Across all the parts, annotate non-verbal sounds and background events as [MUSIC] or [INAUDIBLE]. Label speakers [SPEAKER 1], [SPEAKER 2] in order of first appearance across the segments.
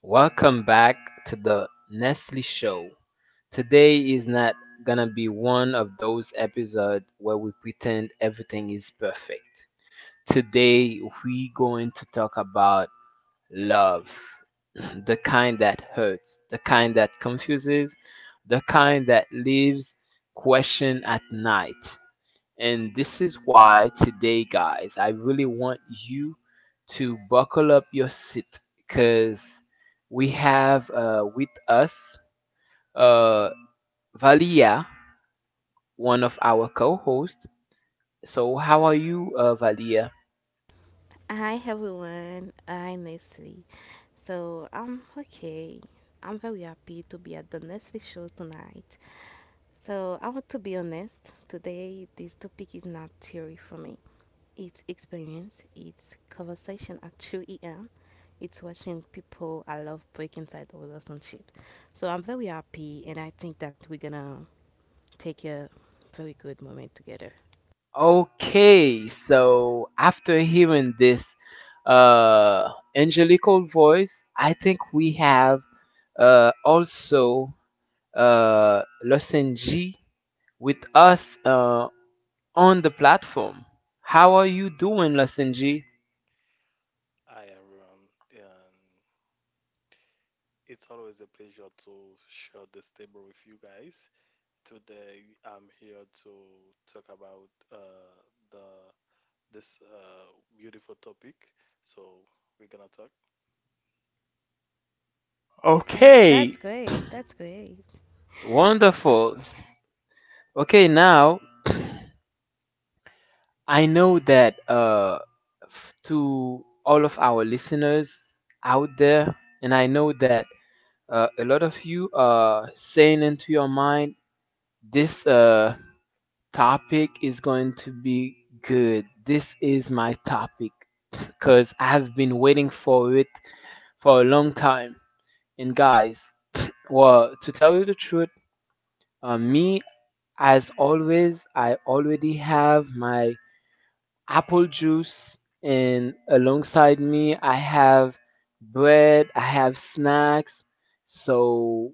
[SPEAKER 1] Welcome back to the Nestle Show. Today is not gonna be one of those episodes where we pretend everything is perfect. Today we going to talk about love. [CLEARS THROAT] The kind that hurts, the kind that confuses, the kind that leaves question at night. And this is why today, guys, I really want you to buckle up your seat because we have with us uh, Valia, one of our co hosts. So, how are you, Valia?
[SPEAKER 2] Hi everyone, I'm Nestle. So I'm okay. I'm very happy to be at the Nestle show tonight. So I want to be honest, today this topic is not theory for me. It's experience, it's conversation at 2 a.m., it's watching people I love break inside a relationship. So I'm very happy and I think that we're gonna take a very good moment together.
[SPEAKER 1] Okay, so after hearing this uh, angelical voice, I think we have also Losenji with us on the platform. How are you doing, Lesson G?
[SPEAKER 3] Hi everyone, and it's always a pleasure to share this table with you guys. Today I'm here to talk about the this beautiful topic. So we're gonna talk.
[SPEAKER 2] That
[SPEAKER 1] Okay.
[SPEAKER 2] that's great. That's great.
[SPEAKER 1] Wonderful. Okay, now [CLEARS THROAT] I know that to all of our listeners out there, and I know that a lot of you are saying into your mind, this topic is going to be good. This is my topic because I have been waiting for it for a long time. And guys, well, to tell you the truth, me as always, I already have my apple juice, and alongside me, I have bread, I have snacks. So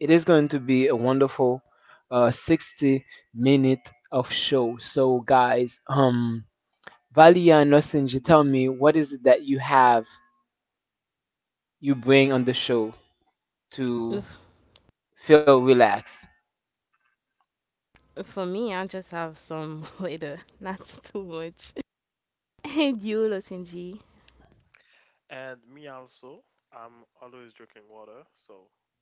[SPEAKER 1] it is going to be a wonderful 60 minute of show. So guys, Valia and Nosinji, tell me what is it that you bring on the show to
[SPEAKER 2] [LAUGHS]
[SPEAKER 1] feel relaxed?
[SPEAKER 2] For me, I just have some [LAUGHS] later. That's too much. [LAUGHS] And you, Lotin. [LAUGHS]
[SPEAKER 3] And me also, I'm always drinking water, so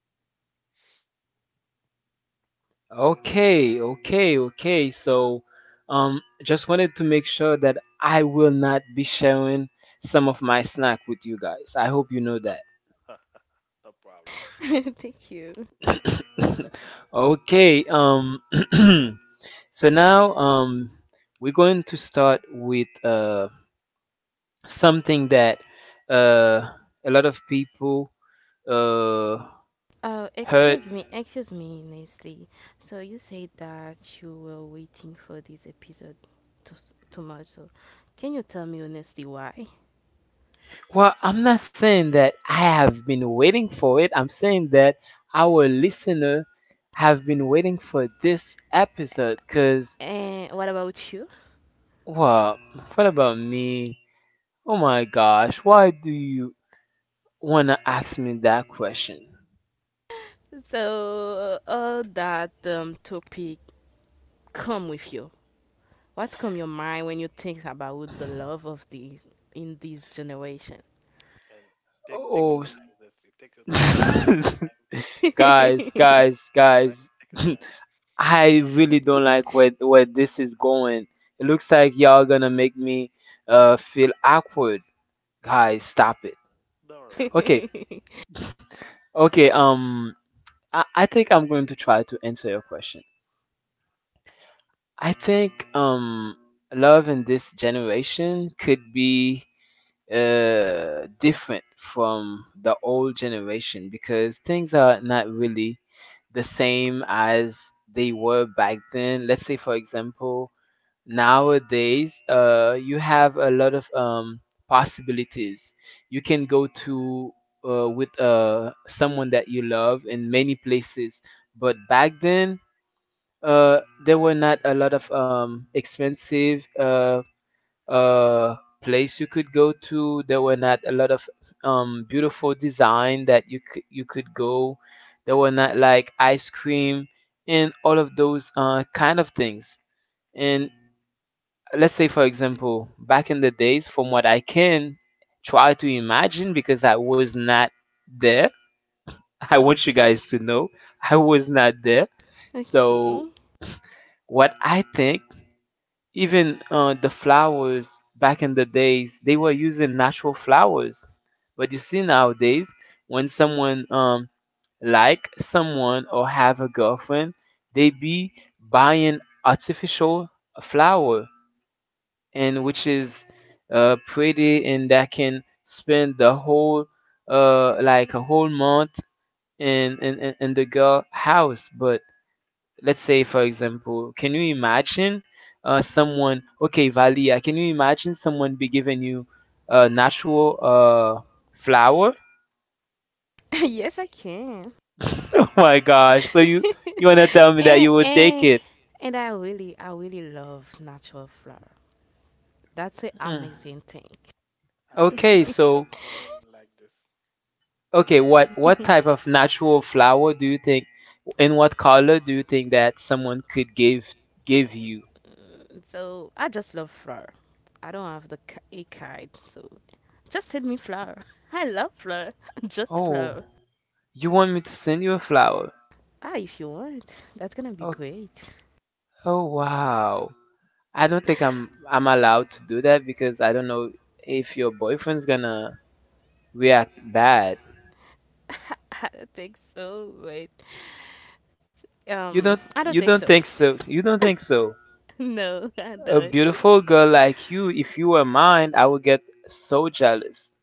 [SPEAKER 1] Okay, okay, okay. So, just wanted to make sure that I will not be sharing some of my snack with you guys. I hope you know that.
[SPEAKER 3] [LAUGHS] no problem.
[SPEAKER 2] Thank you.
[SPEAKER 1] [LAUGHS] Okay, [CLEARS THROAT] so now, we're going to start with something that uh a lot of people uh
[SPEAKER 2] Oh,
[SPEAKER 1] heard.
[SPEAKER 2] excuse me, Nestle. So you said that you were waiting for this episode to, too much. So can you tell me honestly why?
[SPEAKER 1] Well, I'm not saying that I have been waiting for it. I'm saying that our listener have been waiting for this episode cuz
[SPEAKER 2] And what about you?
[SPEAKER 1] well, what about me? Oh my gosh, why do you want to ask me that question?
[SPEAKER 2] So all that topic come with you. What come your mind when you think about the love of the in this generation?
[SPEAKER 3] And take
[SPEAKER 1] Oh,
[SPEAKER 3] take your time, honestly. Take your time,
[SPEAKER 1] [LAUGHS]
[SPEAKER 3] time [LAUGHS] to, to,
[SPEAKER 1] guys,
[SPEAKER 3] to-
[SPEAKER 1] guys, guys.
[SPEAKER 3] right?
[SPEAKER 1] [LAUGHS]
[SPEAKER 3] Take your time.
[SPEAKER 1] I really don't like
[SPEAKER 2] [LAUGHS]
[SPEAKER 1] where this is going. It looks like y'all going to make me feel awkward. Guys, stop it.
[SPEAKER 3] Don't worry,
[SPEAKER 1] Okay,
[SPEAKER 3] don't worry.
[SPEAKER 2] [LAUGHS]
[SPEAKER 1] okay, I think I'm going to try to answer your question. I think love in this generation could be different from the old generation because things are not really the same as they were back then. Let's say for example, nowadays you have a lot of possibilities you can go to with someone that you love in many places, but back then uh, there were not a lot of expensive uh, place you could go to. There were not a lot of beautiful design that you could go. There were not like ice cream and all of those kind of things. And let's say for example, back in the days from what I can try to imagine because I was not there, [LAUGHS] I want you guys to know [LAUGHS] I was not there,
[SPEAKER 2] Okay.
[SPEAKER 1] so what I think, even the flowers back in the days, they were using natural flowers. But you see nowadays, when someone like someone or have a girlfriend, they be buying artificial flower, and which is pretty and that can spend the whole like a whole month in the girl house. But let's say for example, can you imagine someone? Okay, Valia, can you imagine someone be giving you a natural flower?
[SPEAKER 2] [LAUGHS] Yes, I can.
[SPEAKER 1] [LAUGHS] Oh my gosh, so
[SPEAKER 2] [LAUGHS]
[SPEAKER 1] you want to tell me that
[SPEAKER 2] and
[SPEAKER 1] you would take
[SPEAKER 2] and
[SPEAKER 1] it.
[SPEAKER 2] and I really love natural flower. That's an
[SPEAKER 1] Hmm.
[SPEAKER 3] Yeah,
[SPEAKER 2] amazing thing.
[SPEAKER 3] I
[SPEAKER 1] Okay,
[SPEAKER 3] think
[SPEAKER 1] so
[SPEAKER 3] every woman like this.
[SPEAKER 1] okay, what type of natural flower do you think, in what
[SPEAKER 2] [LAUGHS]
[SPEAKER 1] color do you think that someone could give you?
[SPEAKER 2] So I just love flower. I don't have the a kite, so just send me flower. [LAUGHS] I love flower. [LAUGHS] Just
[SPEAKER 1] Oh,
[SPEAKER 2] flower.
[SPEAKER 1] you want me to send you a flower?
[SPEAKER 2] Ah, if you want, that's gonna be
[SPEAKER 1] Oh,
[SPEAKER 2] great. [LAUGHS]
[SPEAKER 1] oh, wow. I don't think I'm allowed to do that because I don't know if your boyfriend's gonna react bad.
[SPEAKER 2] I don't think so, but
[SPEAKER 1] You don't
[SPEAKER 2] I don't think
[SPEAKER 1] you
[SPEAKER 2] so.
[SPEAKER 1] don't think so. You don't think so.
[SPEAKER 2] [LAUGHS] No, I
[SPEAKER 1] A
[SPEAKER 2] don't.
[SPEAKER 1] beautiful girl like you, if you were mine, I would get so jealous.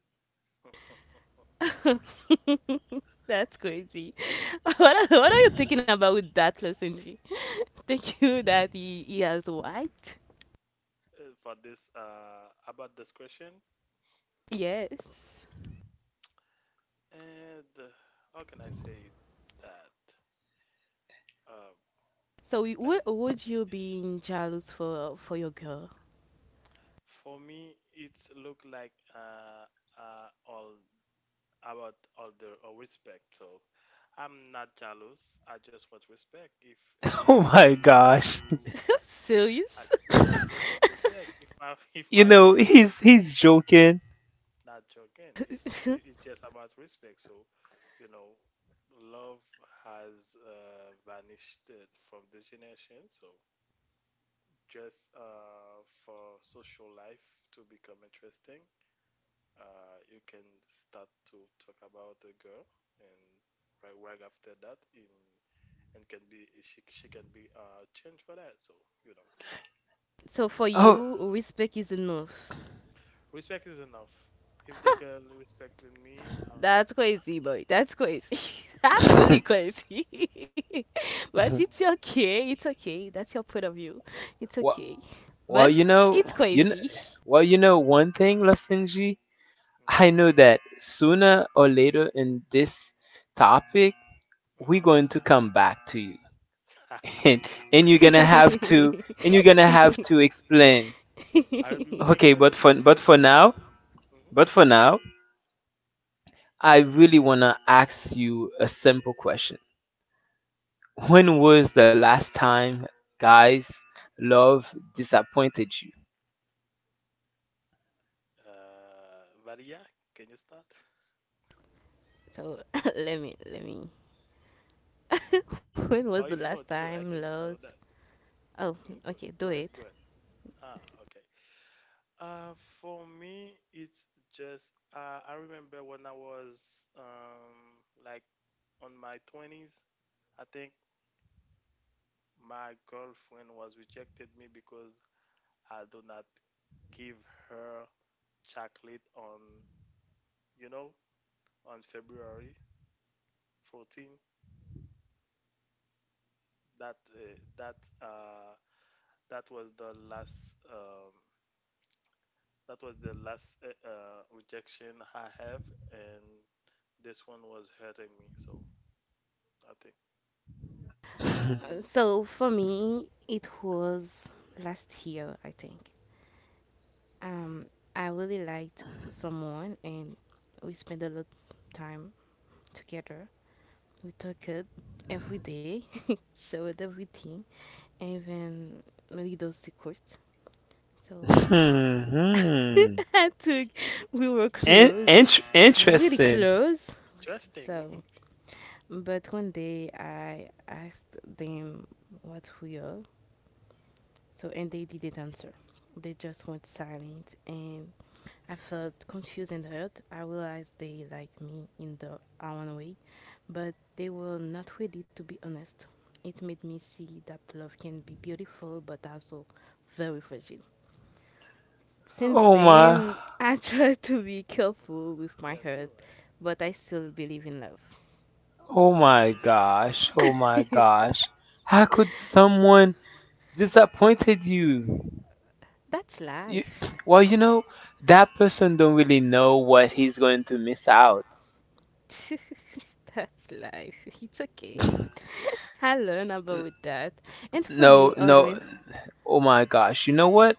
[SPEAKER 2] [LAUGHS] That's crazy. [LAUGHS] What are you thinking about with that lozenge? Thank you that he has white.
[SPEAKER 3] For this about this question,
[SPEAKER 2] Yes.
[SPEAKER 3] and how can I say that? Uh,
[SPEAKER 2] So what
[SPEAKER 3] let me,
[SPEAKER 2] would you be jealous for your girl?
[SPEAKER 3] for me, it's look like all about all the all respect. So I'm not jealous. I just want respect. If
[SPEAKER 1] [LAUGHS] Oh
[SPEAKER 3] uh,
[SPEAKER 1] my gosh.
[SPEAKER 2] [LAUGHS] Serious?
[SPEAKER 3] I yeah, I just want respect. If my [LAUGHS]
[SPEAKER 1] You
[SPEAKER 3] If my
[SPEAKER 1] know,
[SPEAKER 3] girlfriend
[SPEAKER 1] he's joking.
[SPEAKER 3] not joking,
[SPEAKER 2] [LAUGHS]
[SPEAKER 3] it's just about respect. So, you know, love has vanished from this generation. So just for social life to become interesting, you can start to talk about a girl, and right after that, in and can be she can be changed for that. So, you know,
[SPEAKER 2] So for
[SPEAKER 1] Oh,
[SPEAKER 2] you, respect is enough.
[SPEAKER 3] respect is enough. If the girl respected me,
[SPEAKER 2] That's crazy, boy. That's crazy. [LAUGHS] That's really
[SPEAKER 3] respect is.
[SPEAKER 1] [LAUGHS]
[SPEAKER 2] crazy. [LAUGHS] But it's okay. It's okay. That's your point of view. It's
[SPEAKER 1] well,
[SPEAKER 2] okay.
[SPEAKER 1] well,
[SPEAKER 2] But it's
[SPEAKER 1] you know,
[SPEAKER 2] crazy.
[SPEAKER 1] well, you know one thing, Losinji. I know
[SPEAKER 3] Hmm.
[SPEAKER 1] that sooner or later in this topic, we're
[SPEAKER 3] Hmm.
[SPEAKER 1] going to come back to you, [LAUGHS] and
[SPEAKER 3] [LAUGHS]
[SPEAKER 1] and
[SPEAKER 3] I'll,
[SPEAKER 2] [LAUGHS]
[SPEAKER 1] you're gonna have to explain.
[SPEAKER 3] I'll be
[SPEAKER 1] Okay,
[SPEAKER 3] waiting
[SPEAKER 1] but
[SPEAKER 3] for
[SPEAKER 1] for
[SPEAKER 3] you,
[SPEAKER 1] but
[SPEAKER 3] guys.
[SPEAKER 1] for
[SPEAKER 3] I'll be
[SPEAKER 1] now,
[SPEAKER 3] waiting. Hmm.
[SPEAKER 1] But for now, I really want to ask you a simple question. When was the last time, guys, love disappointed you?
[SPEAKER 3] Valia, can you start?
[SPEAKER 2] So [LAUGHS] let me. When was the
[SPEAKER 3] Or
[SPEAKER 2] last
[SPEAKER 3] if you want
[SPEAKER 2] time
[SPEAKER 3] to, I can
[SPEAKER 2] love?
[SPEAKER 3] start on that.
[SPEAKER 2] Oh,
[SPEAKER 3] Hmm.
[SPEAKER 2] okay.
[SPEAKER 3] Go,
[SPEAKER 2] Do
[SPEAKER 3] go
[SPEAKER 2] it.
[SPEAKER 3] ahead. Go ahead. Ah, okay. Uh, for me, it's just I remember when I was like on my twenties. I think my girlfriend was rejected me because I do not give her chocolate on you know on February 14. That uh, that uh that was the last um rejection I have, and this one was hurting me. So I think.
[SPEAKER 2] Uh,
[SPEAKER 1] [LAUGHS]
[SPEAKER 2] So for me, it was last year, I think. Um, I really liked someone, and we spent a lot of time together. We talked every day, [LAUGHS] showed everything, and even little secrets. So
[SPEAKER 1] Hmm.
[SPEAKER 2] [LAUGHS] I took, we were close, really
[SPEAKER 1] Interesting.
[SPEAKER 2] close. So,
[SPEAKER 3] Interesting. Hmm.
[SPEAKER 2] but one day I asked them what we are, so and they didn't answer. They just went silent, and I felt confused and hurt. I realized they liked me in their own way, but they were not ready to be honest. It made me see that love can be beautiful but also very fragile. Since
[SPEAKER 1] Oh my.
[SPEAKER 2] then, [LAUGHS] I try to be careful with my hurt,
[SPEAKER 3] Yes, you're right.
[SPEAKER 2] but I still believe in love.
[SPEAKER 1] Oh my gosh. Oh my
[SPEAKER 2] [LAUGHS]
[SPEAKER 1] gosh. How could someone disappointed you?
[SPEAKER 2] That's
[SPEAKER 1] you
[SPEAKER 2] life.
[SPEAKER 1] well, that person don't really know what he's going to miss out.
[SPEAKER 2] [LAUGHS] That's life. It's okay. [LAUGHS] I learn about
[SPEAKER 1] [LAUGHS]
[SPEAKER 2] that. And for you?
[SPEAKER 1] No, no. Oh my gosh. You know what?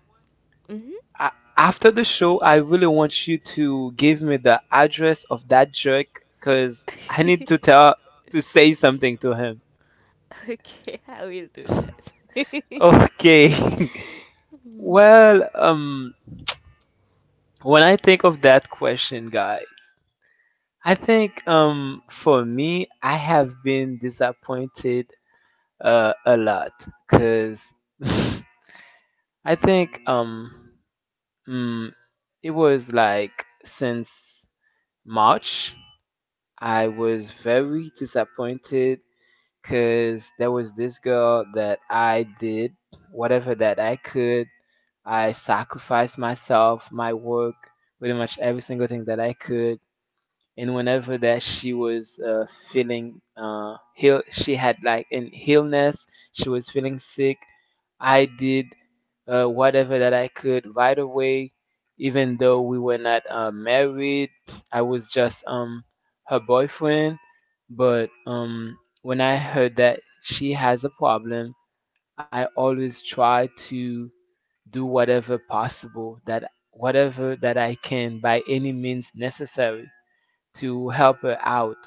[SPEAKER 2] Hmm.
[SPEAKER 1] I, After the show, I really want you to give me the address of that jerk because I
[SPEAKER 2] [LAUGHS]
[SPEAKER 1] need to say something to him.
[SPEAKER 2] Okay, I will do that. [LAUGHS]
[SPEAKER 1] Okay. [LAUGHS]
[SPEAKER 2] Mhm.
[SPEAKER 1] Well, when I think of that question, guys, I think for me, I have been disappointed a lot cuz [LAUGHS] I think mm, it was like since March, I was very disappointed because there was this girl that I did whatever that I could. I sacrificed myself, my work, pretty much every single thing that I could, and whenever that she was feeling ill, she had like an illness, she was feeling sick. I did whatever that I could right away, even though we were not married. I was just her boyfriend, but when I heard that she has a problem, I always try to do whatever possible that whatever that I can by any means necessary to help her out.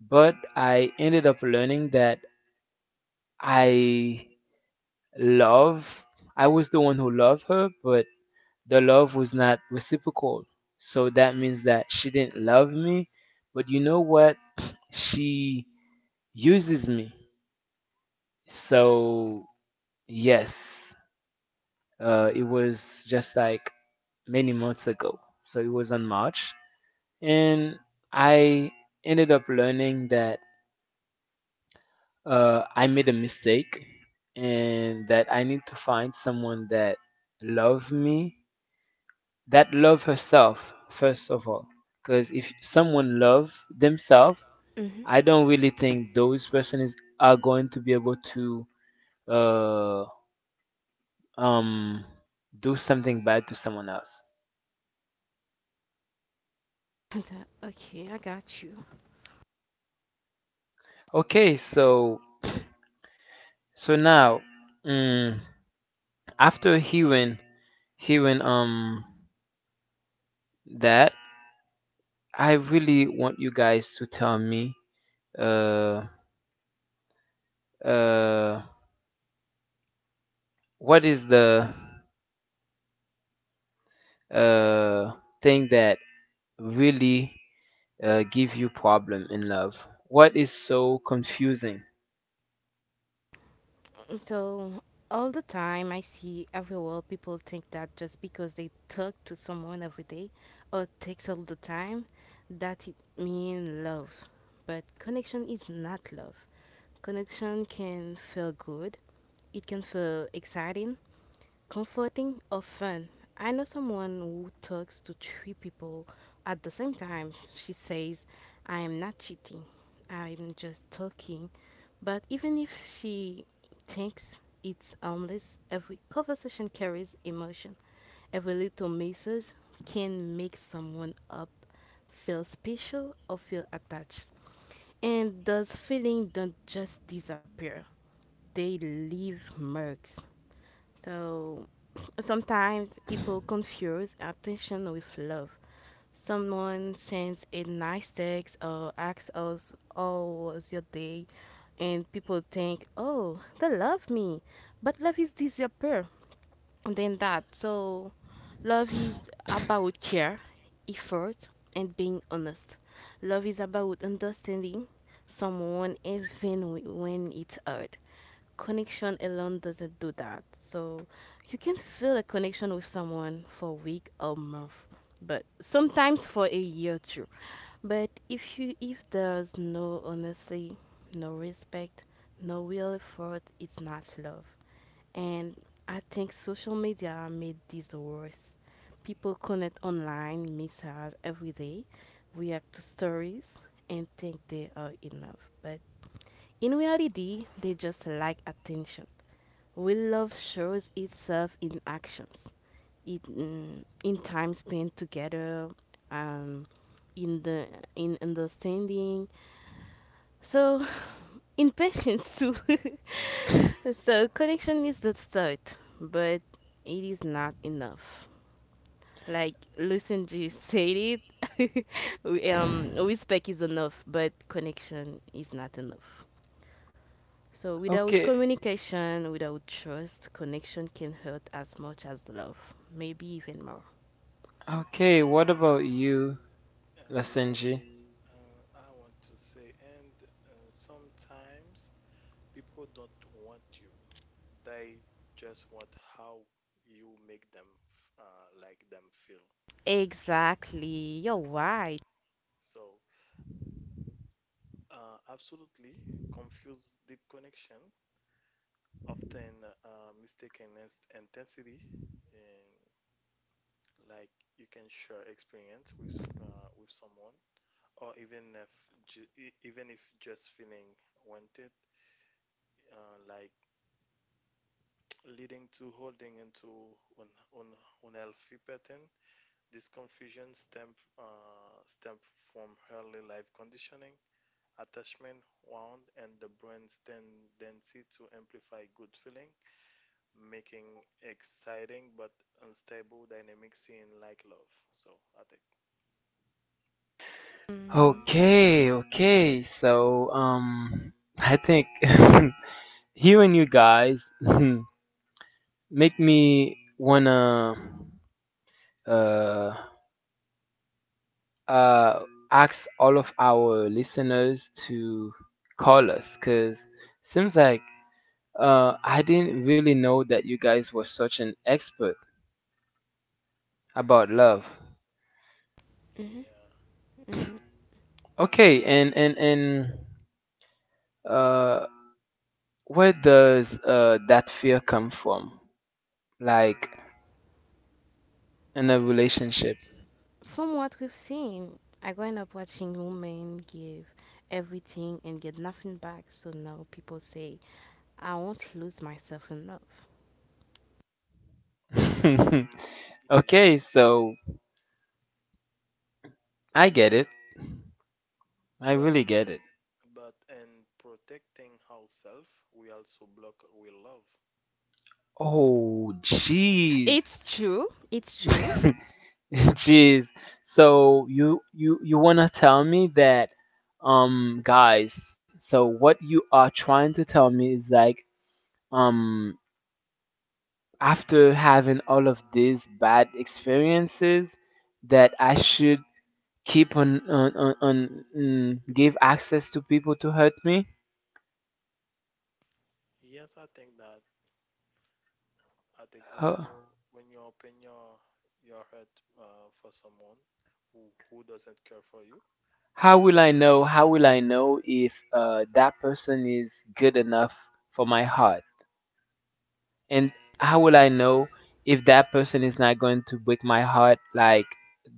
[SPEAKER 1] But I ended up learning that I love, I was the one who loved her, but the love was not reciprocal. So that means that she didn't love me, but you know what? She uses me. So, yes, it was just like many months ago. So it was on March. And I ended up learning that I made a mistake and that I need to find someone that love me, that love herself first of all. Because if someone love themselves, I
[SPEAKER 2] [LAUGHS]
[SPEAKER 1] don't really think those person is are going to be able to uh, um, do something bad to someone else.
[SPEAKER 2] Okay, I got you.
[SPEAKER 1] Okay, so now, mm, after hearing that, I really want you guys to tell me uh, uh, what is the uh, thing that really give you problem in love? What is so confusing?
[SPEAKER 2] So, all the time I see everywhere people think that just because they talk to someone every day or text all the time, that it means love. But connection is not love. Connection can feel good, it can feel exciting, comforting or fun? I know someone who talks to three people at the same time. She says, "I am not cheating, I'm just talking." But even if she thinks it's harmless, every conversation carries emotion. Every little message can make someone up feel special or feel attached. And those feelings don't just disappear, they leave marks. So sometimes people confuse attention with love. Someone sends a nice text or asks us, "How was your day?" And people think, "Oh, they love me." But love is disappear than that. So, love is about care, effort, and being honest. Love is about understanding someone even when it's hard. Connection alone doesn't do that. So, you can feel a connection with someone for a week or month, but sometimes for a year too. But if there's no honesty, no respect, no real effort, it's not love. And I think social media made this worse. People connect online, message every day, react to stories, and think they are enough. But in reality, they just like attention. Real love shows itself in actions, in time spent together, um, in the in understanding. So, [LAUGHS] [SIGHS] in patience too. [LAUGHS] So
[SPEAKER 3] All
[SPEAKER 2] connection is the start, but it is not enough. Like listen to you say it, [LAUGHS] we, respect is enough, but connection is not enough. So without
[SPEAKER 1] Okay,
[SPEAKER 2] communication, without trust, connection can hurt as much as love, maybe even more.
[SPEAKER 1] okay. What
[SPEAKER 3] right. And
[SPEAKER 1] about you,
[SPEAKER 3] uh, uh,
[SPEAKER 1] Lasenji?
[SPEAKER 3] I want to say, and sometimes people don't want you. They just want how you make them like them feel.
[SPEAKER 2] Exactly, you're right.
[SPEAKER 3] So, absolutely, confuse deep connection, often mistaken as intensity, and like you can share experience with someone, or even if just feeling wanted, like leading to holding into un, unhealthy pattern. This confusion stem from early life conditioning, attachment wound, and the brain's tendency to amplify good feeling, making exciting but unstable dynamics in like love. So I think.
[SPEAKER 2] Mm-hmm.
[SPEAKER 1] Okay, okay. So, I think [LAUGHS] hearing you guys [LAUGHS] make me wanna uh uh, ask all of our listeners to call us because seems like I didn't really know that you guys were such an expert about love.
[SPEAKER 3] Yeah,
[SPEAKER 1] Okay, and uh, where does that fear come from? Like in a relationship.
[SPEAKER 2] From what we've seen, I grew up watching women give everything and get nothing back. So now people say, "I won't lose myself in love."
[SPEAKER 1] [LAUGHS] Okay,
[SPEAKER 3] yeah,
[SPEAKER 1] so I get it. I really
[SPEAKER 3] but
[SPEAKER 1] get it.
[SPEAKER 3] but in protecting ourselves, we also block we love.
[SPEAKER 1] Oh, jeez.
[SPEAKER 2] It's true. It's true.
[SPEAKER 3] Yeah.
[SPEAKER 1] [LAUGHS] [LAUGHS] Jeez. So you you want to tell me that guys, so what you are trying to tell me is like um after having all of these bad experiences that I should keep on, give access to people to hurt me?
[SPEAKER 3] Yes, I think that. I think
[SPEAKER 1] How,
[SPEAKER 3] when you open your heart for someone who doesn't care for you,
[SPEAKER 1] how will
[SPEAKER 3] it's.
[SPEAKER 1] I know? How will I know if that person is good enough for my heart? And how will I know if that person is not going to break my heart like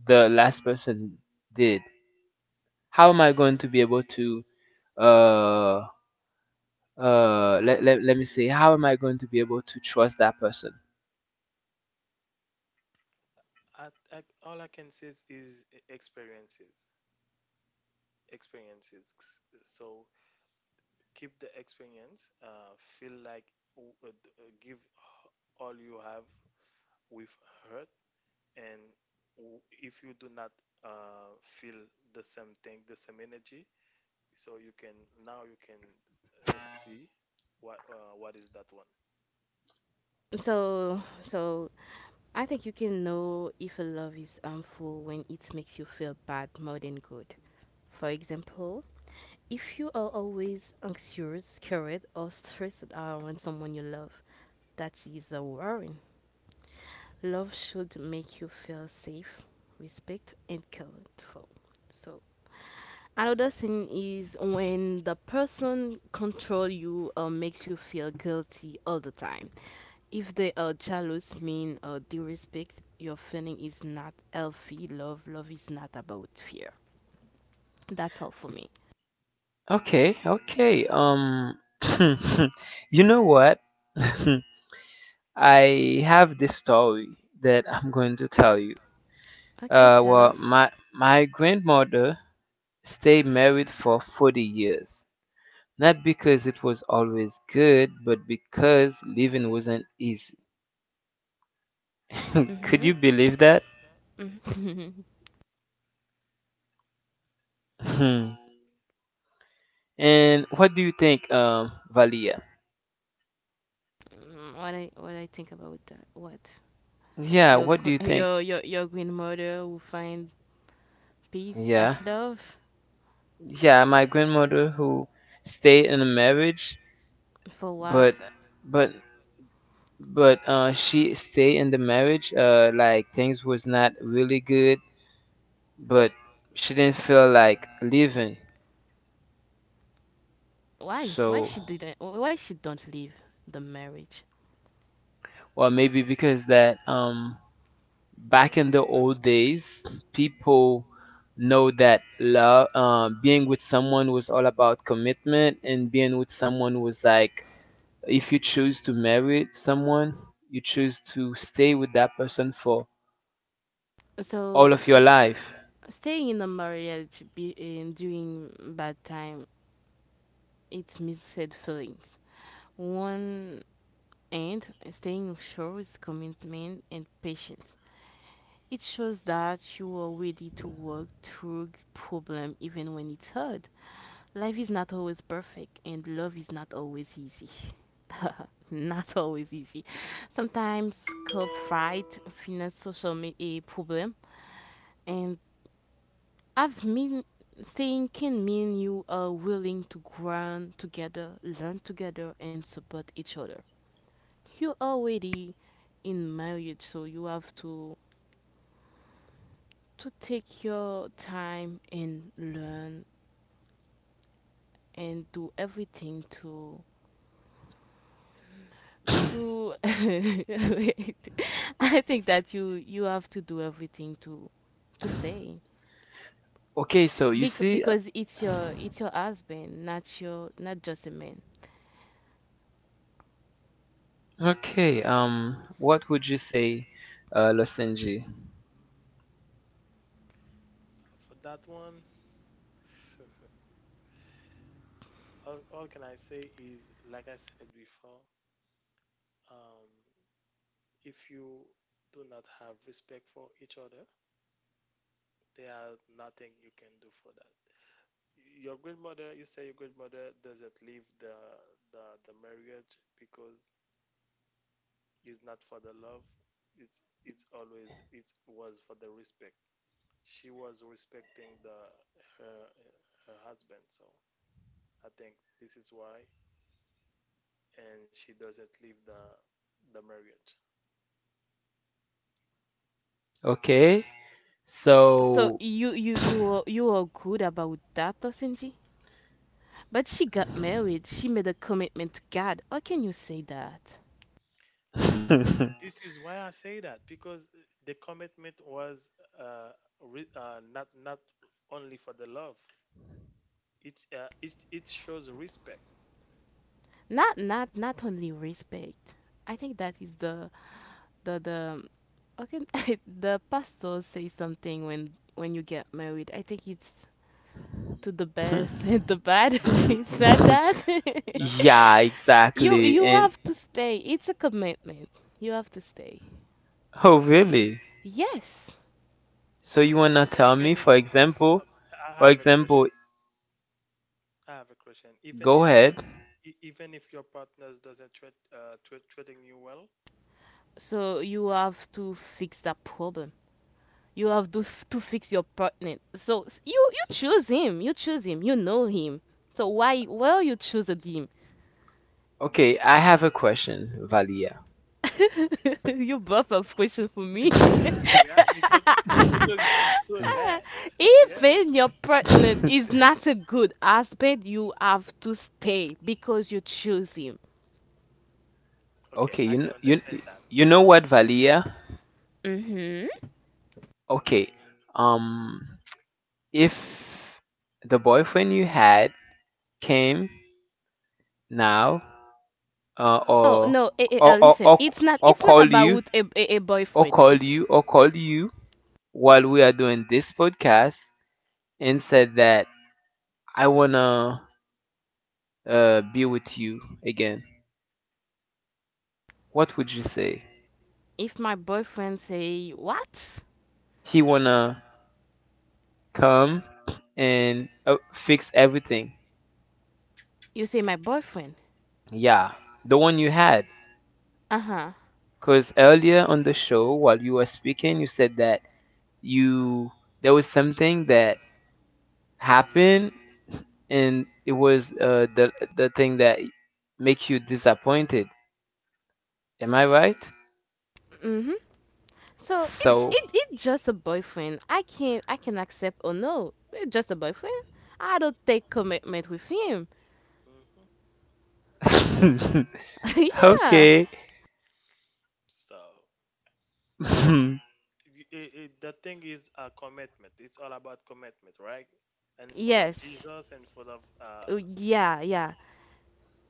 [SPEAKER 1] the last person did? How am I going to be able to uh let me say, how am I going to be able to trust that person?
[SPEAKER 3] I, all I can say is experiences, experiences. So keep the experience. Feel like give all you have with hurt, and if you do not feel the same thing, the same energy, so you can now you can see what is that one.
[SPEAKER 2] So, I think you can know if a love is harmful when it makes you feel bad more than good. For example, if you are always anxious, scared, or stressed out when someone you love, that is a worry. Love should make you feel safe, respect, and cared for. So another thing is when the person control you or makes you feel guilty all the time. If they are jealous, mean or disrespect, your feeling is not healthy. Love is not about fear. That's all for me.
[SPEAKER 1] Okay, okay. [LAUGHS] You know what? [LAUGHS] I have this story that I'm going to tell you.
[SPEAKER 2] Okay, tell
[SPEAKER 1] Well,
[SPEAKER 2] us.
[SPEAKER 1] my grandmother stayed married for 40 years, not because it was always good, but because living wasn't easy. [LAUGHS] Could
[SPEAKER 2] Mm-hmm.
[SPEAKER 1] you believe that?
[SPEAKER 2] Mm. [LAUGHS]
[SPEAKER 1] Hmm. And what do you think, Valia?
[SPEAKER 2] Mm, what I think about that? What
[SPEAKER 1] Yeah,
[SPEAKER 2] your
[SPEAKER 1] what do you
[SPEAKER 2] gr- [LAUGHS]
[SPEAKER 1] think?
[SPEAKER 2] your grandmother will find peace
[SPEAKER 1] Yeah,
[SPEAKER 2] at love
[SPEAKER 1] yeah, my grandmother who stayed in a marriage,
[SPEAKER 2] for
[SPEAKER 1] but
[SPEAKER 2] what?
[SPEAKER 1] but but she stayed in the marriage. Like things was not really good, but she didn't feel like leaving.
[SPEAKER 2] Why? Why
[SPEAKER 1] So,
[SPEAKER 2] she didn't? Why she don't leave the marriage?
[SPEAKER 1] or maybe because that back in
[SPEAKER 3] Marriage
[SPEAKER 1] the
[SPEAKER 3] is
[SPEAKER 1] old
[SPEAKER 3] marriage
[SPEAKER 1] days, people know that love, being with someone was all about commitment, and being with someone was like if you choose to marry someone, you choose to stay with that person for all
[SPEAKER 2] So
[SPEAKER 1] of your
[SPEAKER 2] s-
[SPEAKER 1] life.
[SPEAKER 2] Staying in a marriage be, in during bad time, it missaid feelings. One end, staying shows commitment and patience. It shows that you are ready to work through problem even when it's hard. Life is not always perfect, and love is not always easy. [LAUGHS] Not always easy. Sometimes club fight, finance, a problem, and I've mean staying can mean you are willing to grow together, learn together, and support each other. You're already in marriage, so you have to take your time and learn and do everything to [LAUGHS] wait, I think that you have to do everything to stay.
[SPEAKER 1] Okay, so you
[SPEAKER 2] Bec-
[SPEAKER 1] see.
[SPEAKER 2] because it's your husband, not just a man.
[SPEAKER 1] Okay, what would you say, Losenji?
[SPEAKER 3] for that one. [LAUGHS] All can I say is, like I said before, um, if you do not have respect for each other, there are nothing you can do for that. Your grandmother, you say your grandmother doesn't leave the the marriage, because is not for the love. It's always. It was for the respect. She was respecting the her her husband. So I think this is why, and she doesn't leave the marriage.
[SPEAKER 1] Okay,
[SPEAKER 2] So
[SPEAKER 1] so
[SPEAKER 2] you are good about that, Tosinji. But she got married. She made a commitment to God. How can you say that?
[SPEAKER 1] [LAUGHS]
[SPEAKER 3] This is why I say that, because the commitment was uh, not only for the love. It shows respect.
[SPEAKER 2] Not only respect. I think that is the okay, [LAUGHS] the pastor says something when you get married. I think it's to the best [LAUGHS] and the bad. [LAUGHS] Is that? [LAUGHS]
[SPEAKER 3] Not
[SPEAKER 1] yeah,
[SPEAKER 3] not about.
[SPEAKER 2] you
[SPEAKER 1] exactly.
[SPEAKER 2] you
[SPEAKER 1] And
[SPEAKER 2] have to stay. It's a commitment. You have to stay.
[SPEAKER 1] oh, really?
[SPEAKER 2] Yes.
[SPEAKER 1] So you wanna tell me,
[SPEAKER 3] Even
[SPEAKER 1] for
[SPEAKER 3] if.
[SPEAKER 1] example,
[SPEAKER 3] Okay, I
[SPEAKER 1] for
[SPEAKER 3] have a
[SPEAKER 1] example,
[SPEAKER 3] question. I have a question.
[SPEAKER 1] go
[SPEAKER 3] Even if
[SPEAKER 1] ahead.
[SPEAKER 3] your partners doesn't treating you well.
[SPEAKER 2] So you have to fix that problem. You have to f- to fix your partner. So you choose him. You choose him. You know him. So why well you choose him?
[SPEAKER 1] Okay, I have a question, Valia.
[SPEAKER 2] [LAUGHS] You both have question for me.
[SPEAKER 1] [LAUGHS]
[SPEAKER 3] Yeah, because you [LAUGHS] do
[SPEAKER 2] [LAUGHS]
[SPEAKER 3] that. Yeah.
[SPEAKER 2] Even your partner is not a good husband, you have to stay because you choose him.
[SPEAKER 1] Okay,
[SPEAKER 3] Okay, I can understand that.
[SPEAKER 1] you know what,
[SPEAKER 3] So.
[SPEAKER 1] Valia?
[SPEAKER 2] Mm-hmm.
[SPEAKER 1] Okay, um, if the boyfriend you had came now, uh,
[SPEAKER 2] Oh
[SPEAKER 1] or
[SPEAKER 2] no,
[SPEAKER 1] or or
[SPEAKER 2] listen.
[SPEAKER 1] or,
[SPEAKER 2] It's not.
[SPEAKER 1] or
[SPEAKER 2] It's not
[SPEAKER 1] call you,
[SPEAKER 2] about a
[SPEAKER 1] or
[SPEAKER 2] boyfriend.
[SPEAKER 1] call you, or call you while we are doing this podcast and said that I wanna be with you again, what would you say?
[SPEAKER 2] If my boyfriend say what,
[SPEAKER 1] He wanna come and fix everything.
[SPEAKER 2] you say my boyfriend.
[SPEAKER 1] Yeah, the one you had.
[SPEAKER 2] Uh huh.
[SPEAKER 1] Cause earlier on the show, while you were speaking, you said that you there was something that happened and it was the thing that make you disappointed. Am I right?
[SPEAKER 2] Mm-hmm. So it, j-
[SPEAKER 1] So,
[SPEAKER 2] it it's just a boyfriend. I can accept or no. It's just a boyfriend. I don't take commitment with him.
[SPEAKER 3] Mhm.
[SPEAKER 1] [LAUGHS]
[SPEAKER 2] [LAUGHS] Yeah.
[SPEAKER 1] okay.
[SPEAKER 3] So
[SPEAKER 1] [LAUGHS]
[SPEAKER 3] this
[SPEAKER 1] uh,
[SPEAKER 3] it, it, it- the thing is a commitment. It's all about commitment, right? And for the
[SPEAKER 2] Yes.
[SPEAKER 3] Jesus, and for the
[SPEAKER 2] Yeah, yeah.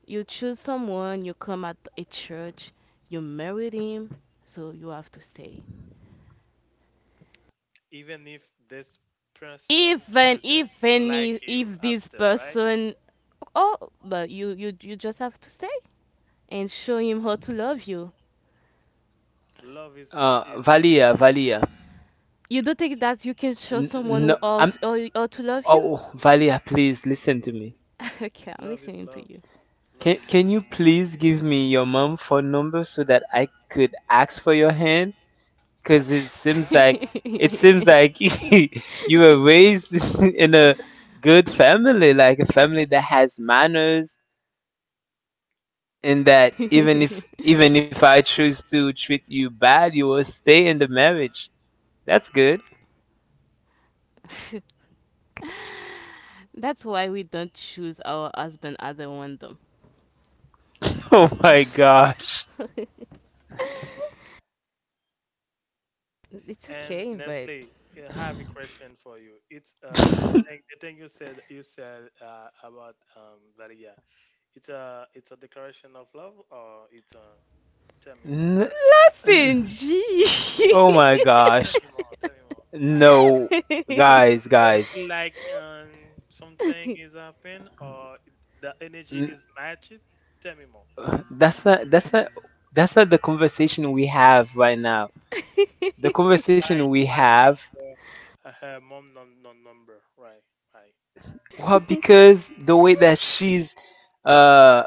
[SPEAKER 2] You choose
[SPEAKER 3] uh,
[SPEAKER 2] someone, you come at a church, you married him, so you have to stay.
[SPEAKER 3] even if this person
[SPEAKER 2] Even
[SPEAKER 3] doesn't like you
[SPEAKER 2] if this
[SPEAKER 3] after, right?
[SPEAKER 2] person, oh, but you just have to stay and show him how to love you.
[SPEAKER 3] Love is
[SPEAKER 1] Valia, Valia.
[SPEAKER 2] You don't think that you can show
[SPEAKER 1] N-
[SPEAKER 2] someone
[SPEAKER 1] no,
[SPEAKER 2] who how
[SPEAKER 1] I'm.
[SPEAKER 2] to love you?
[SPEAKER 1] Oh, Valia, please listen to me.
[SPEAKER 2] [LAUGHS] Okay, I'm
[SPEAKER 3] love
[SPEAKER 2] listening
[SPEAKER 3] is
[SPEAKER 2] to
[SPEAKER 3] love.
[SPEAKER 2] you.
[SPEAKER 3] Love is.
[SPEAKER 1] Can you please give me your mom phone number so that I could ask for your hand? Cause
[SPEAKER 3] [LAUGHS]
[SPEAKER 1] it seems like [LAUGHS] you were raised [LAUGHS] in a good family, like a family that has manners, and that
[SPEAKER 2] [LAUGHS]
[SPEAKER 1] even if I choose to treat you bad, you will stay in the marriage. That's good. [LAUGHS]
[SPEAKER 2] That's why we don't choose our husband at random.
[SPEAKER 1] Oh my gosh.
[SPEAKER 2] It's
[SPEAKER 3] And
[SPEAKER 2] okay, but
[SPEAKER 3] Nestle, I have a question for you. It's the
[SPEAKER 1] [LAUGHS]
[SPEAKER 3] thing you said about Varia. It's a declaration of love, or it's a. Tell me more.
[SPEAKER 1] N- N-
[SPEAKER 2] listen G.
[SPEAKER 1] Oh my gosh.
[SPEAKER 3] Tell me more. Tell me more. I
[SPEAKER 1] No, guys,
[SPEAKER 3] You
[SPEAKER 1] guys.
[SPEAKER 3] feel like something is happening, or the energy
[SPEAKER 1] N-
[SPEAKER 3] is matches. Tell me more.
[SPEAKER 1] That's not that's not that's not the conversation we have right now. The conversation
[SPEAKER 3] Why
[SPEAKER 1] we
[SPEAKER 3] you
[SPEAKER 1] have,
[SPEAKER 3] asking for her mom number? Right.
[SPEAKER 1] well, because the way that she's uh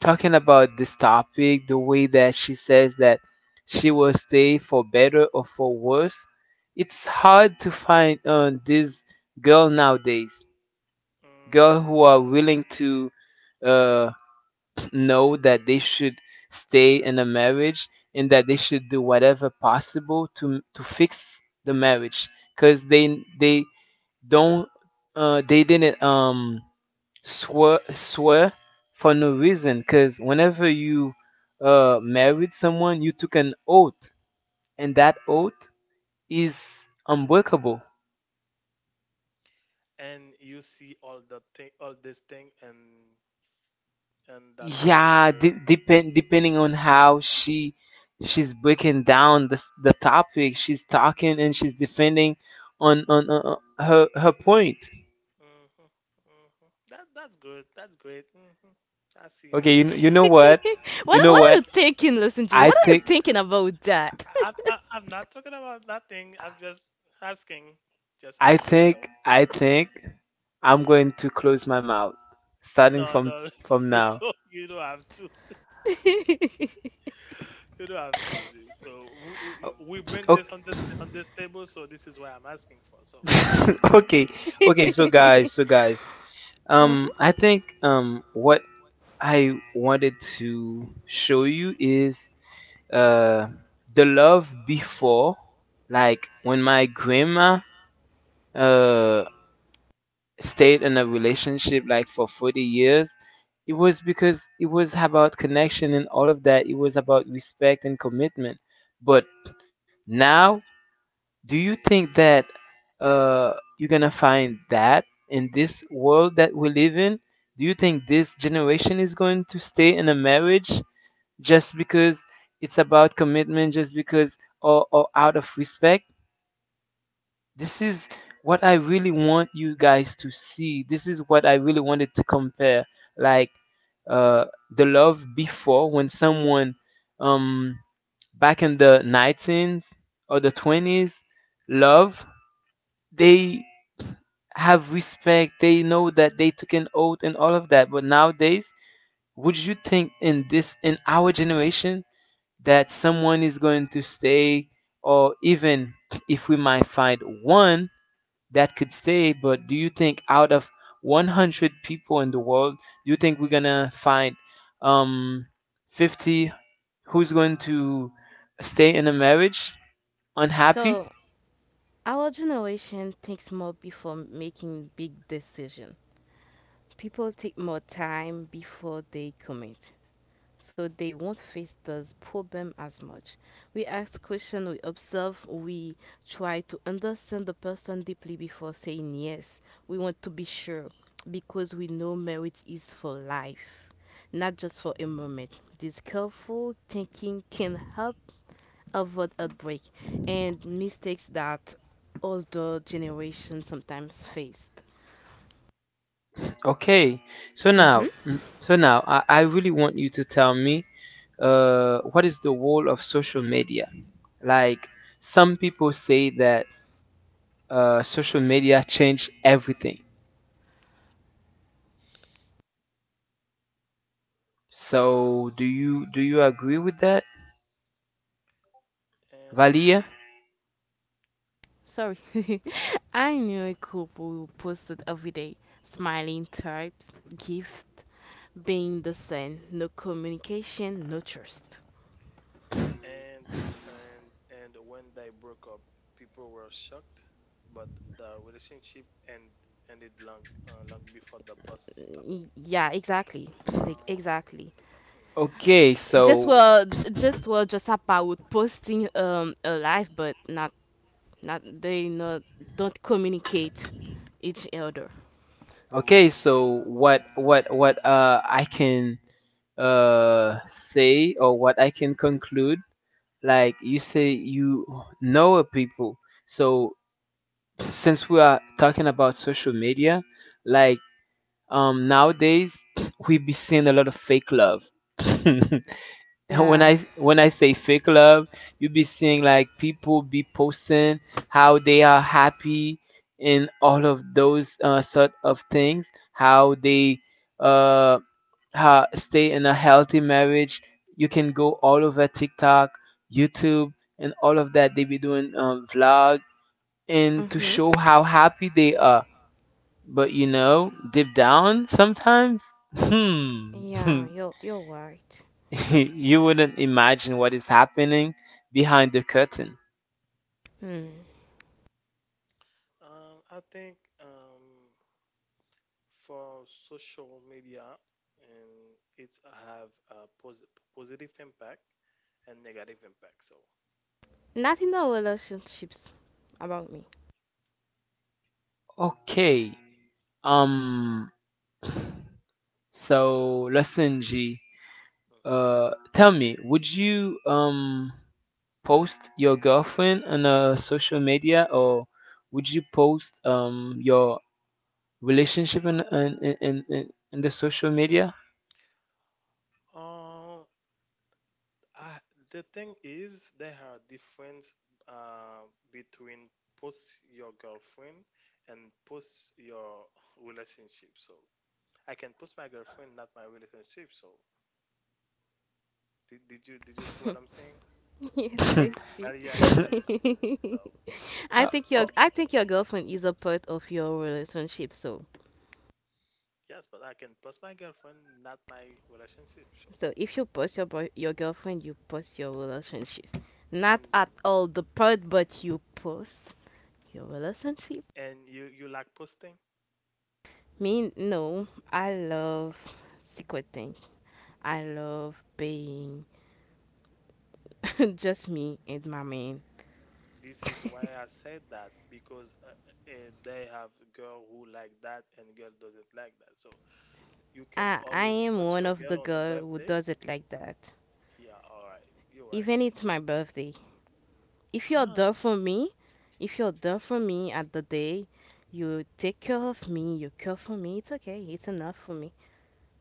[SPEAKER 1] talking about this topic, the way that she says that she will stay for better or for worse, it's hard to find on this girl nowadays. Girl
[SPEAKER 3] Right.
[SPEAKER 1] who are willing to uh know that they should stay in a marriage and that they should do whatever possible to fix the marriage because they don't they didn't swear for no reason, because whenever you married someone you took an oath, and that oath is unbreakable.
[SPEAKER 3] And you see all the thing, all this thing, and that word.
[SPEAKER 1] Yeah, depending on how she's breaking down the topic she's talking and she's defending on her point.
[SPEAKER 3] Mm-hmm. Hmm. That's good. That's great. Hmm. I see
[SPEAKER 1] Okay,
[SPEAKER 3] that.
[SPEAKER 1] you know what,
[SPEAKER 2] [LAUGHS]
[SPEAKER 1] you
[SPEAKER 2] what, what
[SPEAKER 1] know
[SPEAKER 2] are
[SPEAKER 1] what
[SPEAKER 2] you thinking? Listen G,
[SPEAKER 1] i
[SPEAKER 2] what are you
[SPEAKER 1] think
[SPEAKER 2] thinking about that?
[SPEAKER 3] I'm not talking about nothing. I'm just asking, just asking. So.
[SPEAKER 1] I think I'm going to close my mouth starting
[SPEAKER 3] No, no,
[SPEAKER 1] from
[SPEAKER 3] [LAUGHS] you
[SPEAKER 1] now.
[SPEAKER 3] don't. You don't have to. [LAUGHS] You don't have to. So we bring
[SPEAKER 1] Okay,
[SPEAKER 3] this on the on this table. So this is what I'm asking for. So.
[SPEAKER 1] [LAUGHS] okay. Okay, so
[SPEAKER 2] [LAUGHS]
[SPEAKER 1] guys
[SPEAKER 2] Uh-huh.
[SPEAKER 1] I think what I wanted to show you is uh, the love before, like when my grandma uh, stayed in a relationship like for 40 years, it was because it was about connection and all of that. It was about respect and commitment. But now, do you think that uh, you're gonna find that in this world that we live in? Do you think this generation is going to stay in a marriage just because it's about commitment, just because, or out of respect? This is what I really want you guys to see. This is what I really wanted to compare. Like uh, the love before, when someone, um, back in the 19s or the 20s, love, they have respect, they know that they took an oath and all of that. But nowadays, would you think in this in our generation that someone is going to stay, or even if we might find one that could stay, but do you think out of 100 people in the world, do you think we're gonna find um 50 who's going to stay in a marriage unhappy?
[SPEAKER 2] So, our generation thinks more before making big decisions. People take more time before they commit, so they won't face those problem as much. We ask questions, we observe, we try to understand the person deeply before saying yes. We want to be sure because we know marriage is for life, not just for a moment. This careful thinking can help avoid outbreak and mistakes that older generations sometimes faced.
[SPEAKER 1] Okay, so now,
[SPEAKER 2] Mm-hmm.
[SPEAKER 1] so now, I really want you to tell me, what is the role of social media? Like, some people say that social media changed everything. So, do you agree with that,
[SPEAKER 3] and
[SPEAKER 1] Valia?
[SPEAKER 2] Sorry. [LAUGHS] I knew a couple who posted every day, smiling types, gift, being the same, no communication, no trust.
[SPEAKER 3] and and and when they broke up, people were shocked, but the relationship ended long long before the post stopped.
[SPEAKER 2] Yeah, exactly. Like,
[SPEAKER 3] Yeah,
[SPEAKER 2] exactly.
[SPEAKER 3] I think that. Mm.
[SPEAKER 1] Okay,
[SPEAKER 2] Just
[SPEAKER 1] so
[SPEAKER 2] were just about posting a life, but not not they not don't communicate each other.
[SPEAKER 1] okay, so what I can say, or what I can conclude, like you say you know a people. So, since we are talking about social media, like, nowadays, we be seeing a lot of fake love. [LAUGHS] and
[SPEAKER 2] Yeah.
[SPEAKER 1] when I say fake love, you be seeing like people be posting how they are happy and all of those sort of things, how they uh how stay in a healthy marriage. You can go all over TikTok, YouTube, and all of that. They be doing vlog and to
[SPEAKER 2] Mm-hmm.
[SPEAKER 1] show how happy they are. But you know, deep down, sometimes, hmm, [LAUGHS]
[SPEAKER 2] Yeah, you're right.
[SPEAKER 1] you wouldn't imagine what is happening behind the curtain.
[SPEAKER 2] Hmm.
[SPEAKER 3] I think for social media, and it's have a positive impact and negative impact. So.
[SPEAKER 2] Nothing no relationships about me.
[SPEAKER 1] Okay. Um. [CLEARS THROAT] So, listen, G.
[SPEAKER 3] Mhm.
[SPEAKER 1] Tell me, would you post your girlfriend on social media, or would you post your relationship in the social media?
[SPEAKER 3] uh, Uh, the thing is, there are difference uh, between post your girlfriend and post your [LAUGHS] relationship. So I can post my girlfriend, not my relationship. So did you see what I'm saying?
[SPEAKER 2] [LAUGHS] Yes, I
[SPEAKER 1] [LAUGHS]
[SPEAKER 3] But
[SPEAKER 2] see.
[SPEAKER 3] yeah, you see. So
[SPEAKER 2] [LAUGHS] I
[SPEAKER 1] Uh,
[SPEAKER 2] think your I think your girlfriend is a part of your relationship. So
[SPEAKER 3] yes, but I can post my girlfriend, not my relationship. So.
[SPEAKER 2] so if you post your girlfriend, you post your relationship. Not at
[SPEAKER 3] Mm.
[SPEAKER 2] all the part, but you post your relationship.
[SPEAKER 3] And you like posting.
[SPEAKER 2] Me no, I love secret thing. I love being [LAUGHS] just me and my man.
[SPEAKER 3] This is why I said that, because they have girl who like that, and girl doesn't like that. So you can
[SPEAKER 2] I
[SPEAKER 3] always
[SPEAKER 2] am
[SPEAKER 3] push
[SPEAKER 2] one
[SPEAKER 3] your
[SPEAKER 2] of
[SPEAKER 3] girl
[SPEAKER 2] the
[SPEAKER 3] on the
[SPEAKER 2] girl who
[SPEAKER 3] birthday.
[SPEAKER 2] does it like that.
[SPEAKER 3] Yeah, all right. You're right.
[SPEAKER 2] Even it's my birthday. If you're
[SPEAKER 3] Huh?
[SPEAKER 2] there for me, if you're there for me at the day, you take care of me, you care for me, it's okay, it's enough for me.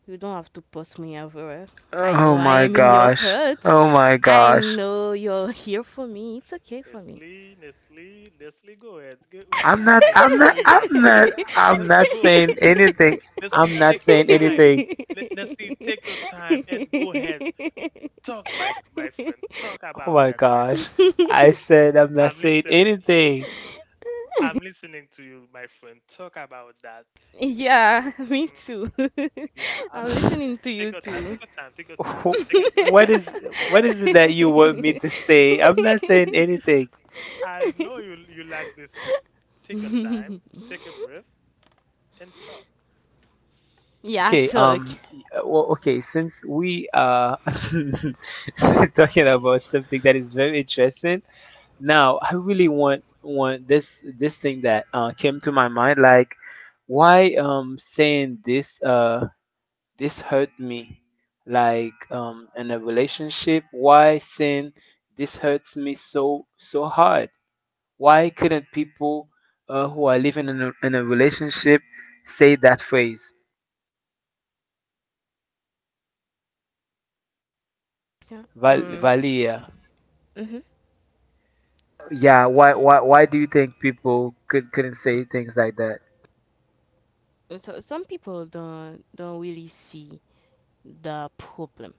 [SPEAKER 2] You don't have to post me everywhere. I
[SPEAKER 1] Oh
[SPEAKER 2] know I
[SPEAKER 1] my
[SPEAKER 2] am in your
[SPEAKER 1] gosh.
[SPEAKER 2] heart.
[SPEAKER 1] Oh my
[SPEAKER 2] I
[SPEAKER 1] gosh.
[SPEAKER 2] know you're here for me. It's okay for me.
[SPEAKER 3] Nestle, Nestle, Nestle, go ahead.
[SPEAKER 1] I'm not
[SPEAKER 3] I
[SPEAKER 1] I'm
[SPEAKER 3] know
[SPEAKER 1] not
[SPEAKER 3] you
[SPEAKER 1] I'm
[SPEAKER 3] are
[SPEAKER 1] not
[SPEAKER 3] precious.
[SPEAKER 1] I'm
[SPEAKER 3] Nestle,
[SPEAKER 1] not
[SPEAKER 3] go ahead,
[SPEAKER 1] saying
[SPEAKER 3] Nestle.
[SPEAKER 1] anything.
[SPEAKER 3] Nestle,
[SPEAKER 1] I'm not
[SPEAKER 3] take your
[SPEAKER 1] saying
[SPEAKER 3] time.
[SPEAKER 1] anything.
[SPEAKER 3] Nestle, take your time and go ahead. Talk, my friend. Talk
[SPEAKER 1] Oh
[SPEAKER 3] about
[SPEAKER 1] my
[SPEAKER 3] that.
[SPEAKER 1] gosh. I said I'm not
[SPEAKER 3] I'm
[SPEAKER 1] saying
[SPEAKER 3] listening.
[SPEAKER 1] anything.
[SPEAKER 3] I'm listening to you, my friend. Talk about that.
[SPEAKER 2] Yeah, [LAUGHS] me too.
[SPEAKER 3] Hmm.
[SPEAKER 2] [LAUGHS]
[SPEAKER 3] Yeah, I'm
[SPEAKER 2] I'm
[SPEAKER 3] listening.
[SPEAKER 2] listening to you
[SPEAKER 3] Take your time.
[SPEAKER 2] too.
[SPEAKER 3] Take your time. Take
[SPEAKER 1] [LAUGHS]
[SPEAKER 3] your time.
[SPEAKER 1] Wh-
[SPEAKER 3] Take
[SPEAKER 2] [LAUGHS]
[SPEAKER 3] a breath.
[SPEAKER 1] what is what is it that you want me to say? I'm not saying anything.
[SPEAKER 3] I know you like this. Take your time, take a breath, and talk.
[SPEAKER 2] Yeah,
[SPEAKER 1] Okay,
[SPEAKER 2] Turk.
[SPEAKER 1] well, okay, since we are [LAUGHS] talking about something that is very interesting, now, I really want this thing that came to my mind, like why saying this this hurt me, like in a relationship, why saying this hurts me so so hard? Why couldn't people who are living in a, relationship say that phrase,
[SPEAKER 2] So, mm,
[SPEAKER 1] Valia?
[SPEAKER 2] hmm
[SPEAKER 1] Yeah, why do you think people couldn't say things like that?
[SPEAKER 2] so some people don't really see the problem.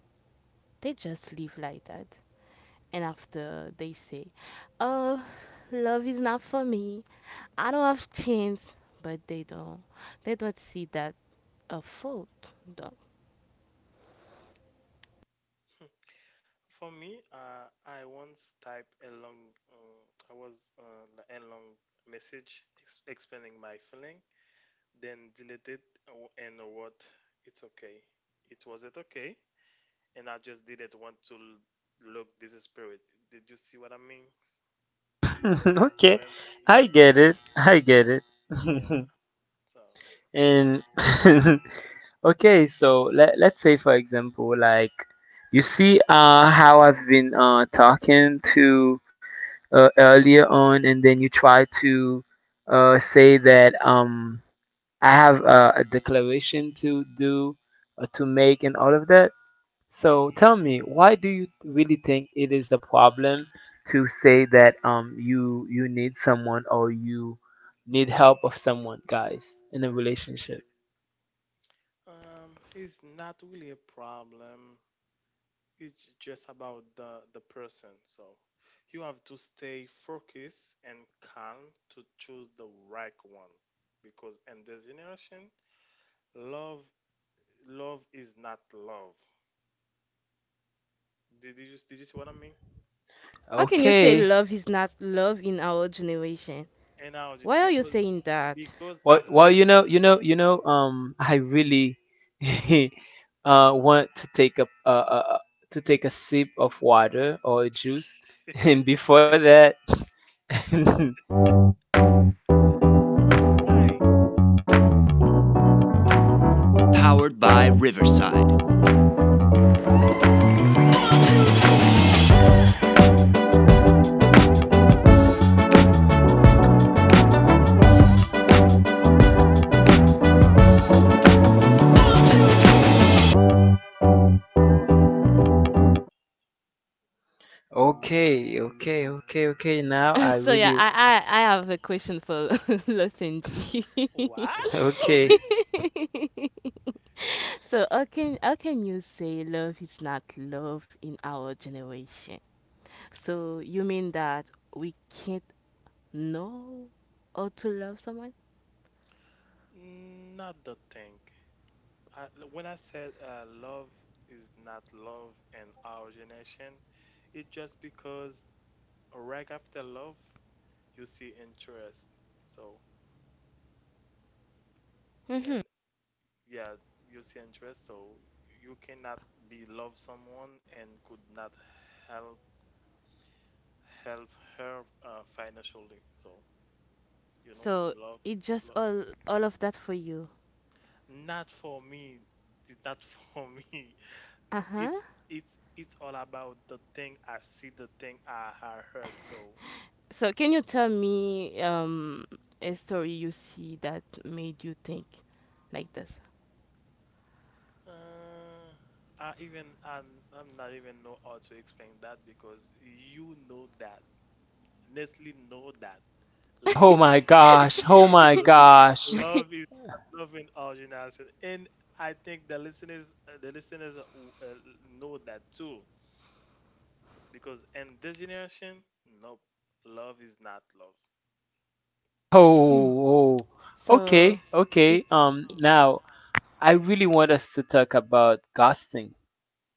[SPEAKER 2] They just live like that. And after they say, "Oh, love is not for me. I don't have chance." But they don't. They don't see that a fault. Though.
[SPEAKER 3] For me, I once typed a long, I was a long message explaining my feeling, then deleted and what. It's okay. It wasn't okay, and I just didn't want to look desperate. Did you see what I mean? But
[SPEAKER 1] [LAUGHS] okay,
[SPEAKER 3] Yeah,
[SPEAKER 1] I get it. I get it.
[SPEAKER 3] yeah.
[SPEAKER 1] [LAUGHS]
[SPEAKER 3] So
[SPEAKER 1] and [LAUGHS] okay, so let let's say, for example, like, you see how I've been talking to, earlier on, and then you try to say that, I have, a declaration to do, to make and all of that. So tell me, why do you really think it is a problem to say that, you need someone, or you need help of someone, guys, in a relationship?
[SPEAKER 3] it's not really a problem. It's just about the person, so you have to stay focused and calm to choose the right one, because in this generation, love love is not love. Did you see what I mean?
[SPEAKER 2] How can you say
[SPEAKER 1] Okay.
[SPEAKER 2] love is not love in our generation?
[SPEAKER 3] And now
[SPEAKER 2] Why are you
[SPEAKER 3] because
[SPEAKER 2] saying that?
[SPEAKER 1] Well,
[SPEAKER 3] after.
[SPEAKER 1] you know. I really [LAUGHS] want uh, uh, to take a sip of water or a juice, [LAUGHS] and
[SPEAKER 3] [LAUGHS]
[SPEAKER 1] before that, [LAUGHS]
[SPEAKER 3] All right.
[SPEAKER 1] okay, okay. Now
[SPEAKER 2] [LAUGHS]
[SPEAKER 1] I
[SPEAKER 2] so yeah,
[SPEAKER 1] really
[SPEAKER 2] I I, I have a question for [LAUGHS] Los Angeles.
[SPEAKER 3] What.
[SPEAKER 1] [LAUGHS]
[SPEAKER 3] For
[SPEAKER 1] okay.
[SPEAKER 3] me,
[SPEAKER 2] [LAUGHS] So how can you say love is not love in our generation? So you mean that we can't know how to love someone?
[SPEAKER 3] not the thing. I, when I said love is not love in our generation, it's just because right after love you see interest, so.
[SPEAKER 2] Mm-hmm.
[SPEAKER 3] And yeah, you see interest, so you cannot be love someone, and could not help help her financially, so you know
[SPEAKER 2] So
[SPEAKER 3] Love,
[SPEAKER 2] it's just
[SPEAKER 3] love
[SPEAKER 2] all of that for you.
[SPEAKER 3] not for me. Not [LAUGHS] for me.
[SPEAKER 2] Uh huh.
[SPEAKER 3] it's it's all about the thing I see, the thing I heard, so.
[SPEAKER 2] So can you tell me a story you see that made you think like this?
[SPEAKER 3] uh, I even I'm not even know how to explain that, because you know that Nestle know that.
[SPEAKER 1] Oh
[SPEAKER 3] Love,
[SPEAKER 1] my
[SPEAKER 3] [LAUGHS]
[SPEAKER 1] gosh. Oh my gosh.
[SPEAKER 3] love is not loving Arjun Ashen, and I think the listeners, know that too, because in this generation, nope, love is not love. It's
[SPEAKER 2] Hmm.
[SPEAKER 1] Oh, oh. Okay.
[SPEAKER 2] So it,
[SPEAKER 1] Okay. Um,
[SPEAKER 2] it
[SPEAKER 1] now I really want us to talk about ghosting.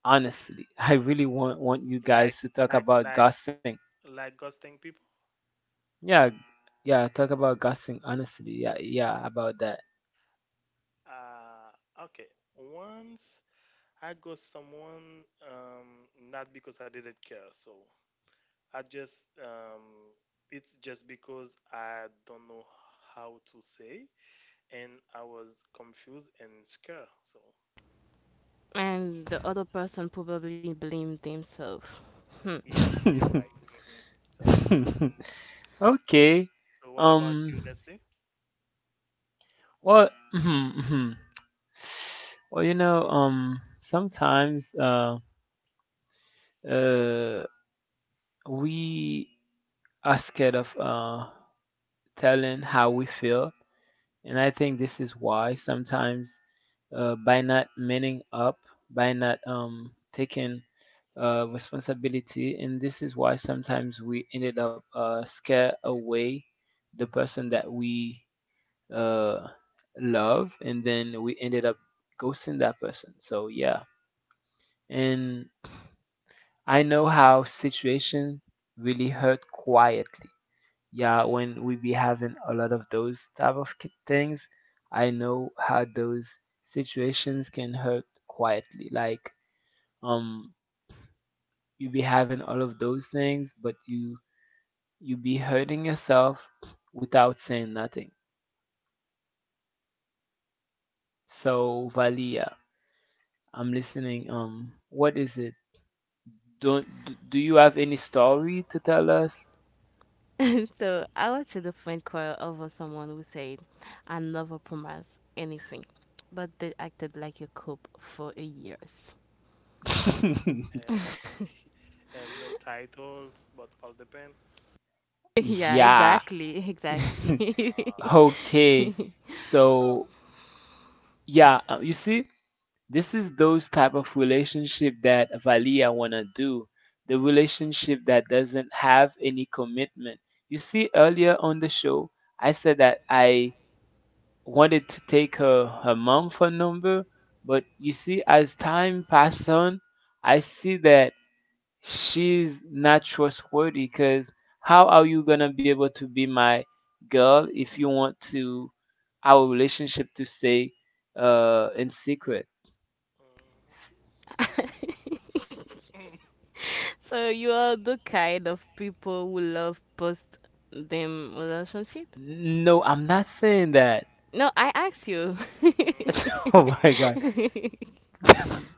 [SPEAKER 1] Honestly, I really want you
[SPEAKER 3] like,
[SPEAKER 1] guys to talk
[SPEAKER 3] like,
[SPEAKER 1] about
[SPEAKER 3] like,
[SPEAKER 1] ghosting.
[SPEAKER 3] ghosting people.
[SPEAKER 1] Yeah. Yeah, talk about ghosting honestly. Yeah, yeah, about that.
[SPEAKER 3] Okay, once I ghost someone, not because I didn't care, so I just, it's just because I don't know how to say, and I was confused and scared. So
[SPEAKER 2] and the other person probably blamed themselves. Hmm.
[SPEAKER 3] yes, you're right.
[SPEAKER 1] [LAUGHS]
[SPEAKER 3] Hmm. So,
[SPEAKER 1] okay.
[SPEAKER 3] what about
[SPEAKER 1] Um,
[SPEAKER 3] you, Nestle?
[SPEAKER 1] well, mhm, mhm. Well, you know, sometimes, uh we are scared of telling how we feel. And I think this is why sometimes, by not manning up, by not, taking responsibility, and this is why sometimes we ended up scare away the person that we uh, love, and then we ended up ghosting that person. So yeah, and I know how situation really hurt quietly. Yeah, when we be having a lot of those type of things, I know how those situations can hurt quietly. Like, um you be having all of those things, but you be hurting yourself without saying nothing. So, Valia, I'm listening, what is it? Don't d- Do you have any story to tell us?
[SPEAKER 2] So I went to the friend choir over someone who said, I never promised anything, but they acted like a cop for a years. [LAUGHS]
[SPEAKER 1] [LAUGHS]
[SPEAKER 3] And [LAUGHS] and no titles, but all depend.
[SPEAKER 2] Yeah,
[SPEAKER 1] yeah,
[SPEAKER 2] exactly,
[SPEAKER 1] [LAUGHS]
[SPEAKER 2] exactly.
[SPEAKER 3] Oh God.
[SPEAKER 1] okay.
[SPEAKER 2] [LAUGHS]
[SPEAKER 1] So yeah, you see, this is those type of relationship that Valia wanna do, the relationship that doesn't have any commitment. You see, earlier on the show, I said that I wanted to take her mom phone number, but you see, as time passed on, I see that she's not trustworthy. Cause how are you gonna be able to be my girl if you want to our relationship to stay, in secret?
[SPEAKER 3] Mhm. [LAUGHS]
[SPEAKER 2] So you are the kind of people who love post them relationship?
[SPEAKER 1] No, I'm not saying that. [LAUGHS]
[SPEAKER 2] No, I asked you.
[SPEAKER 3] Mhm.
[SPEAKER 1] Oh my God.
[SPEAKER 2] [LAUGHS]
[SPEAKER 3] Mhm.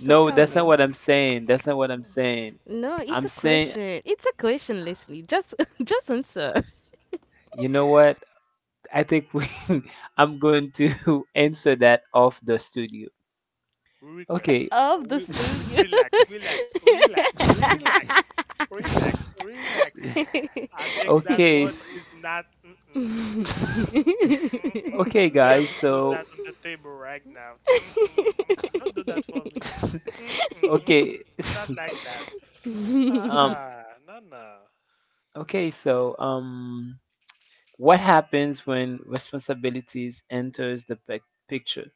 [SPEAKER 2] So
[SPEAKER 3] Take your
[SPEAKER 2] tell
[SPEAKER 1] that's not
[SPEAKER 2] me.
[SPEAKER 3] time.
[SPEAKER 1] what I'm saying. That's not what I'm saying.
[SPEAKER 2] No, it's a
[SPEAKER 1] I'm saying,
[SPEAKER 2] question. It's a question, Leslie. Just [LAUGHS] Just answer.
[SPEAKER 1] you know
[SPEAKER 3] Mhm.
[SPEAKER 1] what? I think we, [LAUGHS] I'm going to [LAUGHS] answer that off the studio.
[SPEAKER 3] Request.
[SPEAKER 1] Okay.
[SPEAKER 2] Of the
[SPEAKER 1] [LAUGHS]
[SPEAKER 2] studio.
[SPEAKER 3] Relax. Relax. Relax. Relax.
[SPEAKER 2] [LAUGHS]
[SPEAKER 3] Relax. Relax. I think that
[SPEAKER 1] Okay.
[SPEAKER 3] word is not. Mm-mm, mm-mm,
[SPEAKER 1] [LAUGHS]
[SPEAKER 3] mm-mm, mm-mm.
[SPEAKER 1] Okay,
[SPEAKER 3] We're gonna
[SPEAKER 1] guys.
[SPEAKER 3] discuss
[SPEAKER 1] So,
[SPEAKER 3] that on the table right now. Mm-mm, mm-mm. Don't do that for me.
[SPEAKER 1] [LAUGHS]
[SPEAKER 3] Mm-mm, mm-mm.
[SPEAKER 1] okay. [LAUGHS]
[SPEAKER 3] It's not like that.
[SPEAKER 1] Um,
[SPEAKER 3] Uh-uh. No, no.
[SPEAKER 1] okay, so, what happens when responsibilities enters the picture?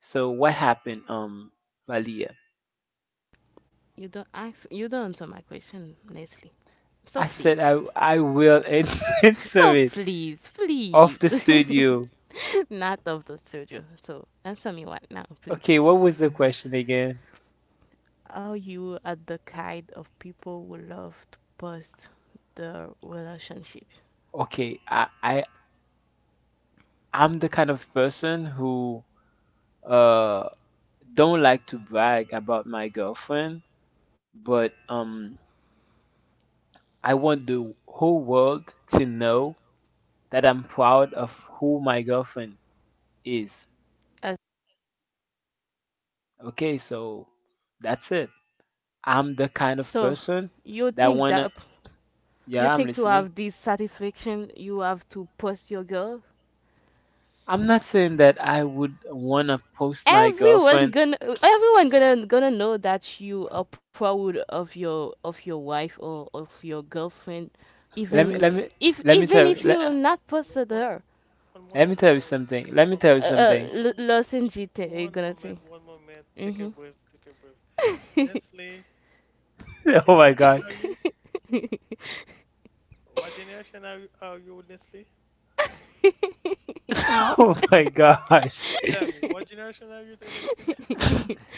[SPEAKER 1] So what happened, Valia?
[SPEAKER 2] You don't ask. You don't answer my question, Leslie. So please,
[SPEAKER 1] I will ans- [LAUGHS]
[SPEAKER 2] [LAUGHS]
[SPEAKER 1] answer it off
[SPEAKER 2] please,
[SPEAKER 1] the studio.
[SPEAKER 2] [LAUGHS] not of the studio. So answer me right now,
[SPEAKER 1] Okay,
[SPEAKER 2] please.
[SPEAKER 1] what was the question again?
[SPEAKER 2] Are you are the kind of people who love to post their relationships?
[SPEAKER 1] Okay, I'm the kind of person who uh don't like to brag about my girlfriend, but I want the whole world to know that I'm proud of who my girlfriend is.
[SPEAKER 2] Uh,
[SPEAKER 1] Okay, so that's it. I'm the kind of
[SPEAKER 2] so
[SPEAKER 1] person
[SPEAKER 2] you
[SPEAKER 1] that
[SPEAKER 2] think
[SPEAKER 1] wanna,
[SPEAKER 2] that you
[SPEAKER 1] yeah, I'm
[SPEAKER 2] think to
[SPEAKER 1] listening.
[SPEAKER 2] have this satisfaction, you have to post your girl.
[SPEAKER 1] I'm not saying that I would wanna post my
[SPEAKER 2] Everyone
[SPEAKER 1] girlfriend.
[SPEAKER 2] gonna everyone gonna gonna know that you
[SPEAKER 3] What?
[SPEAKER 2] are proud of your wife or of your girlfriend,
[SPEAKER 1] Let me let
[SPEAKER 2] even
[SPEAKER 1] me
[SPEAKER 2] if
[SPEAKER 1] let me
[SPEAKER 2] even
[SPEAKER 1] tell
[SPEAKER 2] if
[SPEAKER 1] you,
[SPEAKER 2] you not posted
[SPEAKER 3] One,
[SPEAKER 2] her.
[SPEAKER 3] One
[SPEAKER 1] let me
[SPEAKER 3] moment.
[SPEAKER 1] tell you
[SPEAKER 3] One
[SPEAKER 1] something. Let me tell
[SPEAKER 3] moment.
[SPEAKER 1] you
[SPEAKER 3] One
[SPEAKER 1] something.
[SPEAKER 3] moment.
[SPEAKER 2] L- Los Angeles
[SPEAKER 3] One
[SPEAKER 2] gonna say.
[SPEAKER 3] moment. One moment. One moment. Take a breath. Take a breath. Nestle, what
[SPEAKER 1] [LAUGHS] Oh my
[SPEAKER 3] generation
[SPEAKER 1] god.
[SPEAKER 3] are you? What generation are you, Nestle?
[SPEAKER 1] [LAUGHS] Oh my gosh.
[SPEAKER 3] Tell me, what generation are you, Nestle?
[SPEAKER 1] [LAUGHS]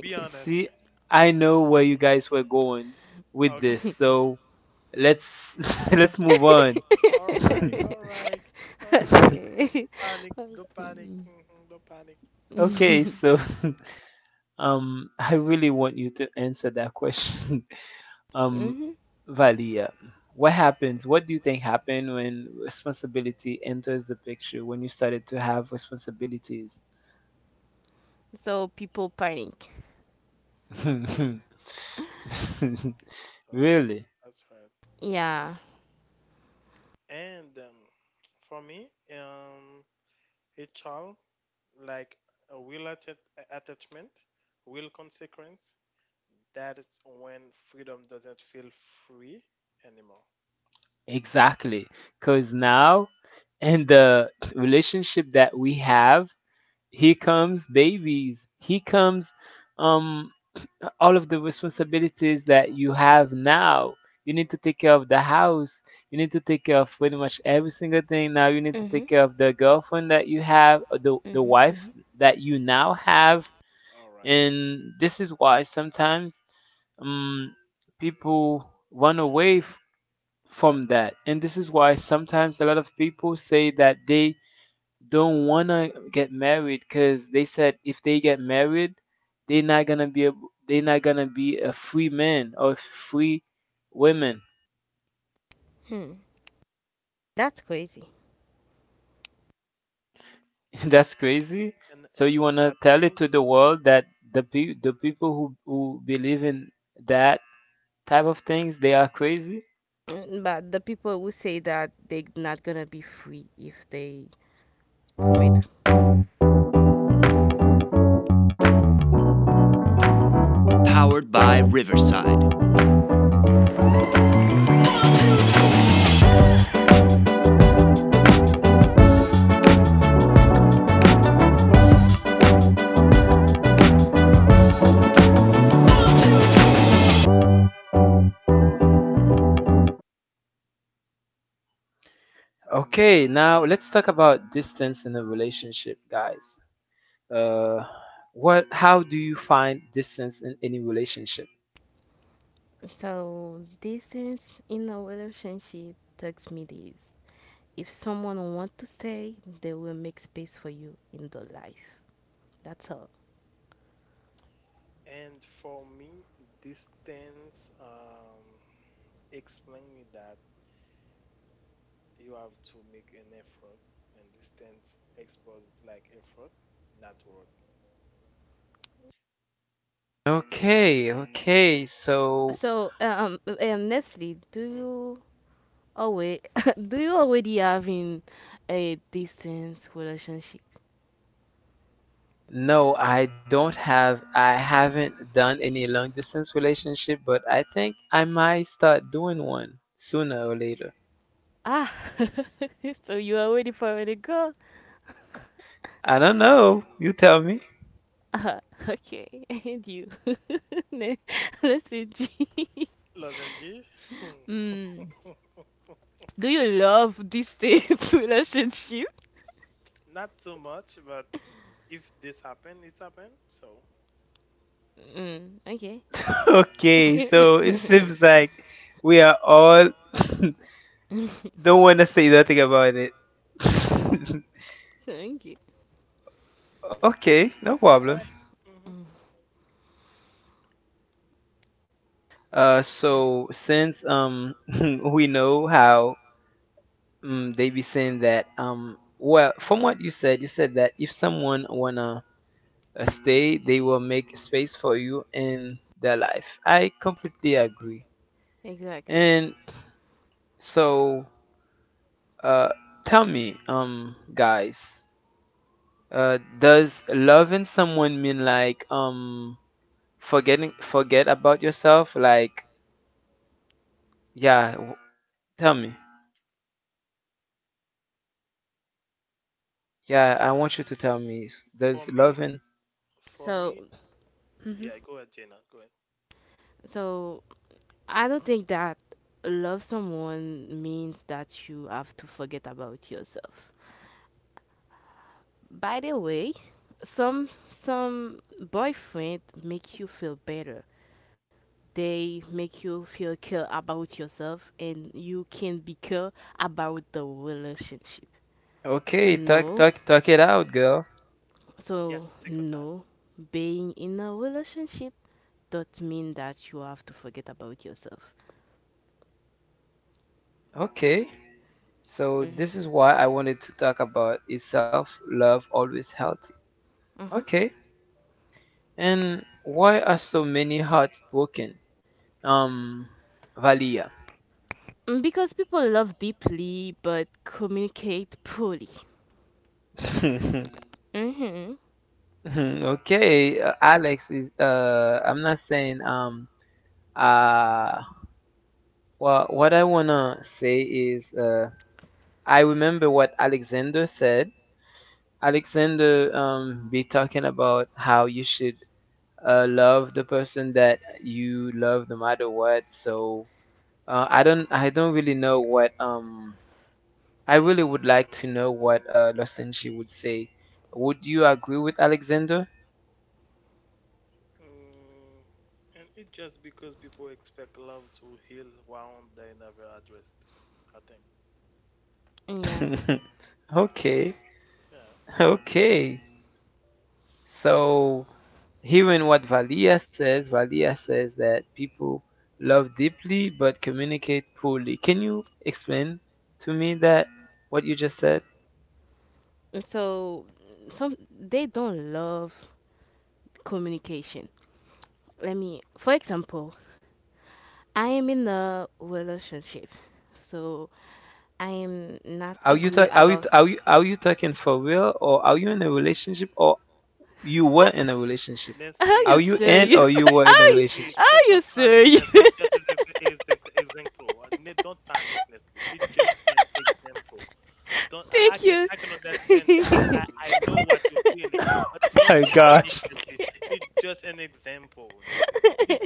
[SPEAKER 3] Be
[SPEAKER 1] You
[SPEAKER 3] honest.
[SPEAKER 1] see, I know where you guys were going with
[SPEAKER 2] Hmm
[SPEAKER 1] this,
[SPEAKER 3] Okay.
[SPEAKER 2] [LAUGHS]
[SPEAKER 1] so let's [LAUGHS] let's
[SPEAKER 2] [LAUGHS]
[SPEAKER 1] move on.
[SPEAKER 3] All right, all right, all right. Don't
[SPEAKER 2] Okay.
[SPEAKER 3] panic, don't panic,
[SPEAKER 2] Mm.
[SPEAKER 3] don't panic.
[SPEAKER 1] [LAUGHS] okay,
[SPEAKER 2] [LAUGHS]
[SPEAKER 1] so [LAUGHS] I really want you to answer that question. Um,
[SPEAKER 2] Mm-hmm.
[SPEAKER 1] Valia, what happens? What do you think happened when responsibility enters the picture, when you started to have responsibilities?
[SPEAKER 2] So people panic.
[SPEAKER 1] [LAUGHS]
[SPEAKER 3] So
[SPEAKER 1] really?
[SPEAKER 3] that's right.
[SPEAKER 2] Yeah.
[SPEAKER 3] And for me, a child like a will attachment, will consequence. That is when freedom doesn't feel free anymore.
[SPEAKER 1] Exactly. Cuz
[SPEAKER 3] Yeah.
[SPEAKER 1] now in the relationship that we have, here comes babies. Here comes um all of the responsibilities that
[SPEAKER 3] All
[SPEAKER 1] you
[SPEAKER 3] right.
[SPEAKER 1] have now. You need to take
[SPEAKER 3] Mm,
[SPEAKER 1] care of the house. You need to take care of pretty much every single thing. Now you need to take
[SPEAKER 2] hmm
[SPEAKER 1] care of the girlfriend that you have, or the
[SPEAKER 2] hmm
[SPEAKER 1] wife
[SPEAKER 2] hmm
[SPEAKER 1] that you now have,
[SPEAKER 3] all right.
[SPEAKER 1] and this is why sometimes um, people run away from that, and this is why sometimes a lot of people say that they don't wanna get married because they said if they get married, they're not gonna be they're not gonna be a free man or free women.
[SPEAKER 2] Hmm. That's crazy.
[SPEAKER 1] [LAUGHS] That's crazy. So
[SPEAKER 3] And
[SPEAKER 1] you
[SPEAKER 3] all
[SPEAKER 1] wanna
[SPEAKER 3] that
[SPEAKER 1] tell it
[SPEAKER 3] thing.
[SPEAKER 1] to the world that the people who believe in that type of things they are crazy.
[SPEAKER 2] Mm, but the people who say that they're not gonna be free if they commit.
[SPEAKER 1] Okay, now let's talk about distance in a relationship, guys. Uh, what? How do you find distance in any relationship?
[SPEAKER 2] So distance in a relationship tells me this. If someone wants to stay, they will make space for you in their life. That's all.
[SPEAKER 3] And for me, distance explain me that you have to make an effort, and distance expose like effort, not word.
[SPEAKER 1] Okay, okay. So
[SPEAKER 2] So, Nestle, do
[SPEAKER 3] Mm.
[SPEAKER 2] you — oh wait, [LAUGHS] do you already having a distance relationship?
[SPEAKER 1] no, I don't have I haven't done any long distance relationship, but I think I might start doing one sooner or later.
[SPEAKER 2] Ah, [LAUGHS] so you are ready for a girl?
[SPEAKER 1] I don't know. You tell me. [LAUGHS]
[SPEAKER 2] Ah, okay, [LAUGHS] and you. [LAUGHS] Ne- Let's see. G. [LAUGHS]
[SPEAKER 3] Lozenge,
[SPEAKER 2] Mm.
[SPEAKER 3] [LAUGHS]
[SPEAKER 2] Do you love distance [LAUGHS] relationship?
[SPEAKER 3] not too much, but if this happen, it's happen. So
[SPEAKER 2] Mm, okay.
[SPEAKER 3] yeah.
[SPEAKER 1] Okay, so it
[SPEAKER 2] [LAUGHS]
[SPEAKER 1] seems like we are all [LAUGHS] don't want to say nothing about it. [LAUGHS]
[SPEAKER 2] Thank you.
[SPEAKER 3] Mm.
[SPEAKER 1] Okay, no
[SPEAKER 3] All
[SPEAKER 1] problem.
[SPEAKER 3] right. Mm-hmm.
[SPEAKER 2] Mm,
[SPEAKER 1] So since [LAUGHS] we know how. Mm, they be saying that. Well, from what you said that if someone wanna stay, they will make space for you in their life. I completely agree.
[SPEAKER 2] exactly.
[SPEAKER 1] And so, uh, tell me, guys, does loving someone mean like forget about yourself? Like, yeah, tell me. Yeah, I want you to tell me.
[SPEAKER 3] For
[SPEAKER 1] Does
[SPEAKER 3] me,
[SPEAKER 1] loving?
[SPEAKER 3] for me,
[SPEAKER 2] So, mhm.
[SPEAKER 3] yeah. Go ahead, Jenna. Go ahead.
[SPEAKER 2] so I don't think that love someone means that you have to forget about yourself. By the way, some boyfriend make you feel better. They make you feel care about yourself and you can be care about the relationship. So
[SPEAKER 1] Okay, talk
[SPEAKER 2] no,
[SPEAKER 1] talk talk it out, girl.
[SPEAKER 2] so
[SPEAKER 3] Yes, take your time.
[SPEAKER 2] no, being in a relationship does not mean that you have to forget about yourself.
[SPEAKER 1] Okay. So this is why I wanted to talk about is self-love always healthy?
[SPEAKER 2] Mm-hmm.
[SPEAKER 1] Okay. And why are so many hearts broken? Um, Valia.
[SPEAKER 2] Mm, because people love deeply but communicate poorly.
[SPEAKER 1] [LAUGHS]
[SPEAKER 2] Mhm.
[SPEAKER 1] Mhm, okay, Alex is I'm not saying uh well what I wanna say is I remember what Alexander said. Alexander be talking about how you should love the person that you love no matter what. So I don't really know what I really would like to know what Losenji would say. Would you agree with Alexander?
[SPEAKER 3] Mm, and it's just because people expect love to heal wound they never addressed. I think
[SPEAKER 2] Yeah.
[SPEAKER 1] [LAUGHS]
[SPEAKER 3] only that.
[SPEAKER 1] Okay,
[SPEAKER 3] Yeah.
[SPEAKER 1] okay. So hearing what Valia says that people love deeply but communicate poorly. Can you explain to me that what you just said?
[SPEAKER 2] And so some they don't love communication. Let me for example, I am in a relationship. So I am not
[SPEAKER 1] Are you
[SPEAKER 2] agree
[SPEAKER 1] ta- are you
[SPEAKER 2] about —
[SPEAKER 1] are you are you talking for real or are you in a relationship or. You were in a relationship.
[SPEAKER 2] are
[SPEAKER 3] Nestle,
[SPEAKER 2] you
[SPEAKER 1] Are you
[SPEAKER 3] Nestle,
[SPEAKER 1] in or
[SPEAKER 2] serious?
[SPEAKER 1] you
[SPEAKER 3] Nestle,
[SPEAKER 2] [LAUGHS]
[SPEAKER 1] were in a
[SPEAKER 2] Are you,
[SPEAKER 3] Nestle.
[SPEAKER 1] relationship?
[SPEAKER 2] are you
[SPEAKER 3] Don't panic,
[SPEAKER 2] serious?
[SPEAKER 3] Nestle.
[SPEAKER 2] [LAUGHS]
[SPEAKER 3] It just is an example. Don't panic, Nestle. It's just an example. Don't. I
[SPEAKER 2] Thank
[SPEAKER 3] can. I can understand that.
[SPEAKER 1] [LAUGHS]
[SPEAKER 3] I know what you're feeling, but don't
[SPEAKER 1] My
[SPEAKER 3] panic,
[SPEAKER 1] gosh.
[SPEAKER 3] Nestle. It's just an example, Nestle. It,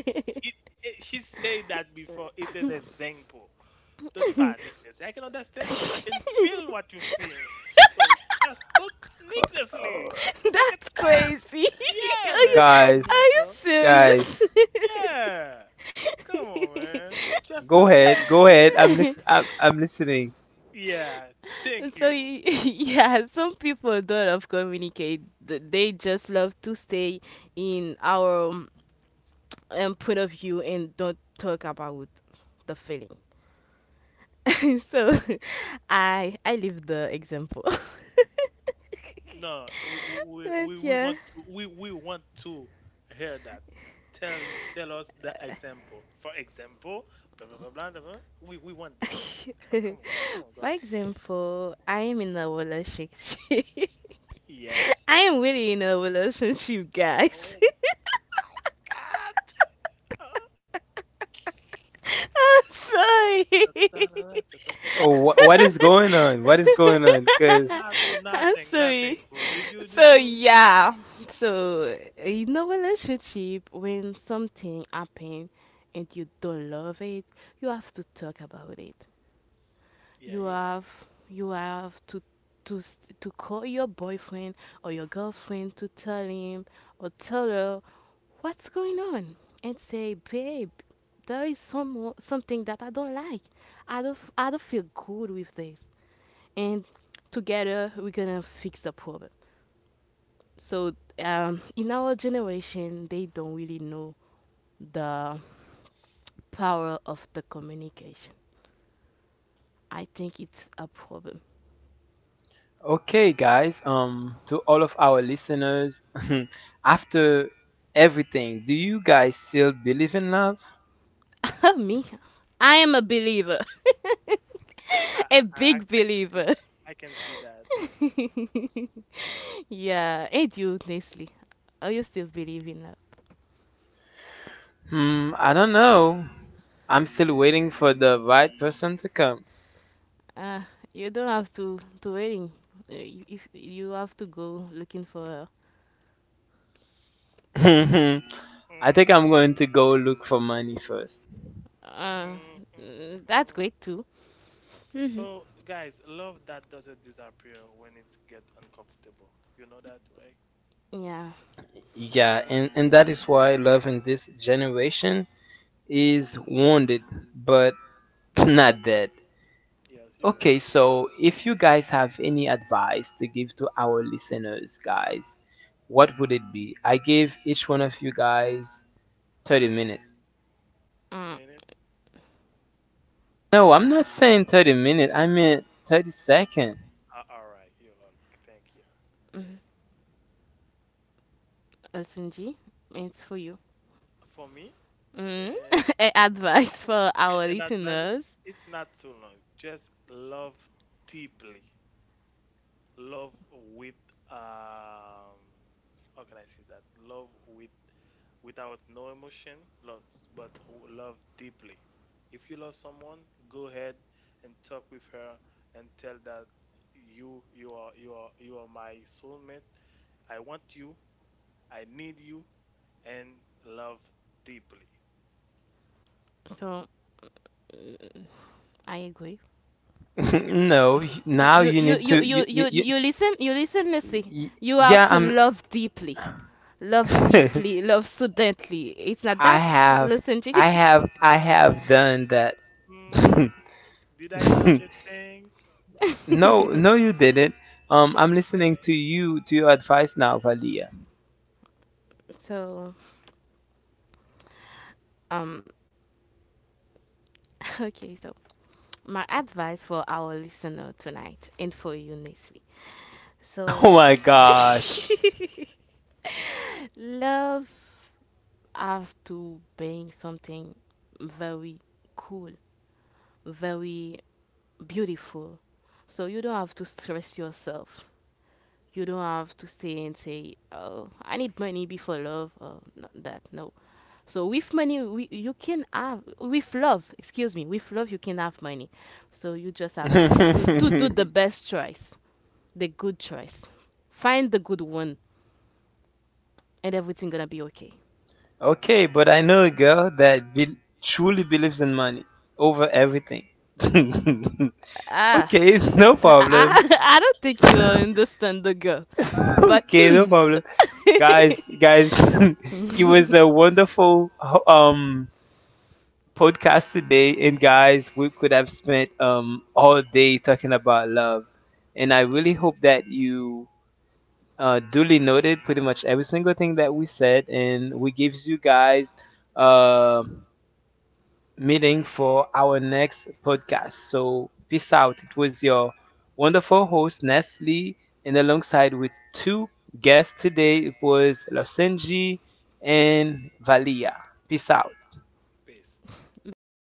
[SPEAKER 3] it, she said that before. It's an example. Don't
[SPEAKER 2] you. [LAUGHS]
[SPEAKER 3] panic, Nessie. I can
[SPEAKER 2] [LAUGHS]
[SPEAKER 3] understand you. I can feel what you feel. So just don't panic, Leslie.
[SPEAKER 1] Oh,
[SPEAKER 3] Take
[SPEAKER 2] That's
[SPEAKER 3] a time.
[SPEAKER 2] crazy. [LAUGHS]
[SPEAKER 3] Yeah,
[SPEAKER 2] Are you
[SPEAKER 3] man. Come
[SPEAKER 1] guys,
[SPEAKER 3] on,
[SPEAKER 2] are you
[SPEAKER 3] girl. Come on.
[SPEAKER 2] serious?
[SPEAKER 1] guys,
[SPEAKER 2] [LAUGHS]
[SPEAKER 3] Yeah. Come on, man. It's just an,
[SPEAKER 1] go
[SPEAKER 3] an
[SPEAKER 1] ahead, go ahead.
[SPEAKER 3] example.
[SPEAKER 1] I'm listening.
[SPEAKER 3] Yeah. Thank you.
[SPEAKER 2] [LAUGHS] Yeah, some people don't love communicate. They just love to stay in our point of view and don't talk about the feeling. [LAUGHS] So [LAUGHS] I leave the example. [LAUGHS]
[SPEAKER 3] No,
[SPEAKER 2] But yeah.
[SPEAKER 3] we want to hear that. Tell Tell us the example. For example, blah blah blah blah, blah, blah. We want this.
[SPEAKER 2] [LAUGHS] For
[SPEAKER 3] Come on, come on, girl.
[SPEAKER 2] example, I am in a relationship. [LAUGHS]
[SPEAKER 3] Yes.
[SPEAKER 2] I am really in a relationship, guys.
[SPEAKER 3] Oh.
[SPEAKER 2] [LAUGHS]
[SPEAKER 3] My God.
[SPEAKER 2] I'm sorry.
[SPEAKER 1] Oh, what is going on? What is going on? Cause
[SPEAKER 3] Not
[SPEAKER 2] [LAUGHS] I'm
[SPEAKER 3] nothing, nothing,
[SPEAKER 2] sorry.
[SPEAKER 3] bro. Did you? Did
[SPEAKER 2] So
[SPEAKER 3] you?
[SPEAKER 2] yeah. So in a relationship when something happens and you don't love it, you have to talk about it.
[SPEAKER 3] Yeah,
[SPEAKER 2] You
[SPEAKER 3] you're right.
[SPEAKER 2] have you have to to s- to call your boyfriend or your girlfriend to tell him or tell her what's going on? And say, babe, there is something that I don't like. I don't feel good with this. And together we're gonna fix the problem. So in our generation, they don't really know the power of the communication. I think it's a problem.
[SPEAKER 1] okay, guys. To all of our listeners, [LAUGHS] after everything, do you guys still believe in love?
[SPEAKER 2] [LAUGHS] Me, I am a believer,
[SPEAKER 3] I
[SPEAKER 2] [LAUGHS] a
[SPEAKER 3] I
[SPEAKER 2] big
[SPEAKER 3] I can see
[SPEAKER 2] believer.
[SPEAKER 3] that. I can see that. Hmm.
[SPEAKER 2] [LAUGHS] Yeah, and you, Leslie, are you still believing love?
[SPEAKER 1] Hmm, I don't know. I'm still waiting for the right person to come.
[SPEAKER 2] Uh, you don't have to waiting. You- If you have to go looking for.
[SPEAKER 1] [LAUGHS] I think
[SPEAKER 3] Hmm.
[SPEAKER 1] I'm going to go look for money first.
[SPEAKER 2] Uh,
[SPEAKER 3] Hmm.
[SPEAKER 2] mm, that's
[SPEAKER 3] Hmm.
[SPEAKER 2] great too. Mm-hmm.
[SPEAKER 3] So, guys, love that doesn't disappear when it get uncomfortable. You know that, right?
[SPEAKER 2] Yeah.
[SPEAKER 3] So,
[SPEAKER 1] Yeah, and that is why love in this generation is wounded, but [LAUGHS] not dead.
[SPEAKER 3] yes, you're
[SPEAKER 1] Okay,
[SPEAKER 3] right.
[SPEAKER 1] so if you guys have any advice to give to our listeners, guys, what would it be? I gave each one of you guys 30 minutes.
[SPEAKER 2] Mm,
[SPEAKER 3] Minute.
[SPEAKER 1] No, I'm not saying 30 minutes. I meant 30 seconds.
[SPEAKER 3] All right. You all right. Thank you.
[SPEAKER 2] mm. Listen, G, it's for you.
[SPEAKER 3] For me,
[SPEAKER 2] Mm.
[SPEAKER 3] uh,
[SPEAKER 2] [LAUGHS] A- Advice for our
[SPEAKER 3] An advice,
[SPEAKER 2] listeners.
[SPEAKER 3] it's not so long. Just love deeply. Love with um how can I say that? Love with without no emotion, love, but love deeply. If you love someone, go ahead and talk with her and tell that you are my soulmate. I want you. I need you and love deeply.
[SPEAKER 2] So, mm, I agree.
[SPEAKER 1] [LAUGHS] No,
[SPEAKER 2] You,
[SPEAKER 1] now you
[SPEAKER 2] you,
[SPEAKER 1] need
[SPEAKER 2] you, you,
[SPEAKER 1] to.
[SPEAKER 2] you, you, you listen,
[SPEAKER 1] You,
[SPEAKER 2] Lissy.
[SPEAKER 1] y-
[SPEAKER 2] You have to
[SPEAKER 1] yeah,
[SPEAKER 2] love deeply. Love
[SPEAKER 1] I'm. [LAUGHS]
[SPEAKER 2] deeply, love suddenly. It's not
[SPEAKER 1] I
[SPEAKER 2] that.
[SPEAKER 1] have,
[SPEAKER 2] Listen, G.
[SPEAKER 1] I
[SPEAKER 3] Ah.
[SPEAKER 1] have done that.
[SPEAKER 3] Mm,
[SPEAKER 1] [LAUGHS]
[SPEAKER 3] did I touch a thing?
[SPEAKER 1] No,
[SPEAKER 2] [LAUGHS]
[SPEAKER 1] no, you didn't. I'm listening
[SPEAKER 3] Okay,
[SPEAKER 1] to you to your advice now, Valia. [LAUGHS]
[SPEAKER 2] So, um, [LAUGHS] okay, so my advice for our listener tonight and for you, Nestle. So,
[SPEAKER 1] Oh my gosh.
[SPEAKER 2] [LAUGHS] love have to being something very cool, very beautiful. So you don't have to stress yourself. You don't have to stay and say, "Oh, I need money before love." Oh, not that no. So with money, we, you can have with love. Excuse me, with love you can have money. So you just have to
[SPEAKER 1] [LAUGHS] Okay,
[SPEAKER 2] do the best choice, the good choice. Find the good one, and everything gonna be okay.
[SPEAKER 1] but I know a girl that truly believes in money over everything. [LAUGHS]
[SPEAKER 2] Ah,
[SPEAKER 1] Okay, [LAUGHS] no
[SPEAKER 2] [LAUGHS]
[SPEAKER 1] problem. [LAUGHS]
[SPEAKER 2] I don't think you understand the girl, but.
[SPEAKER 1] Okay, no
[SPEAKER 2] Mm,
[SPEAKER 1] problem, guys. Guys,
[SPEAKER 2] [LAUGHS]
[SPEAKER 1] [LAUGHS] it was
[SPEAKER 2] [LAUGHS]
[SPEAKER 1] a wonderful um podcast today. And guys, we could have spent all day talking about love. And I really hope that you duly noted pretty much every single thing that we said. And we gives you guys uh, meeting for our next podcast. So peace out. It was your wonderful host, Nestle. And alongside with two guests today, it was Losenji and Valia. Peace out.
[SPEAKER 3] peace.
[SPEAKER 2] Bye.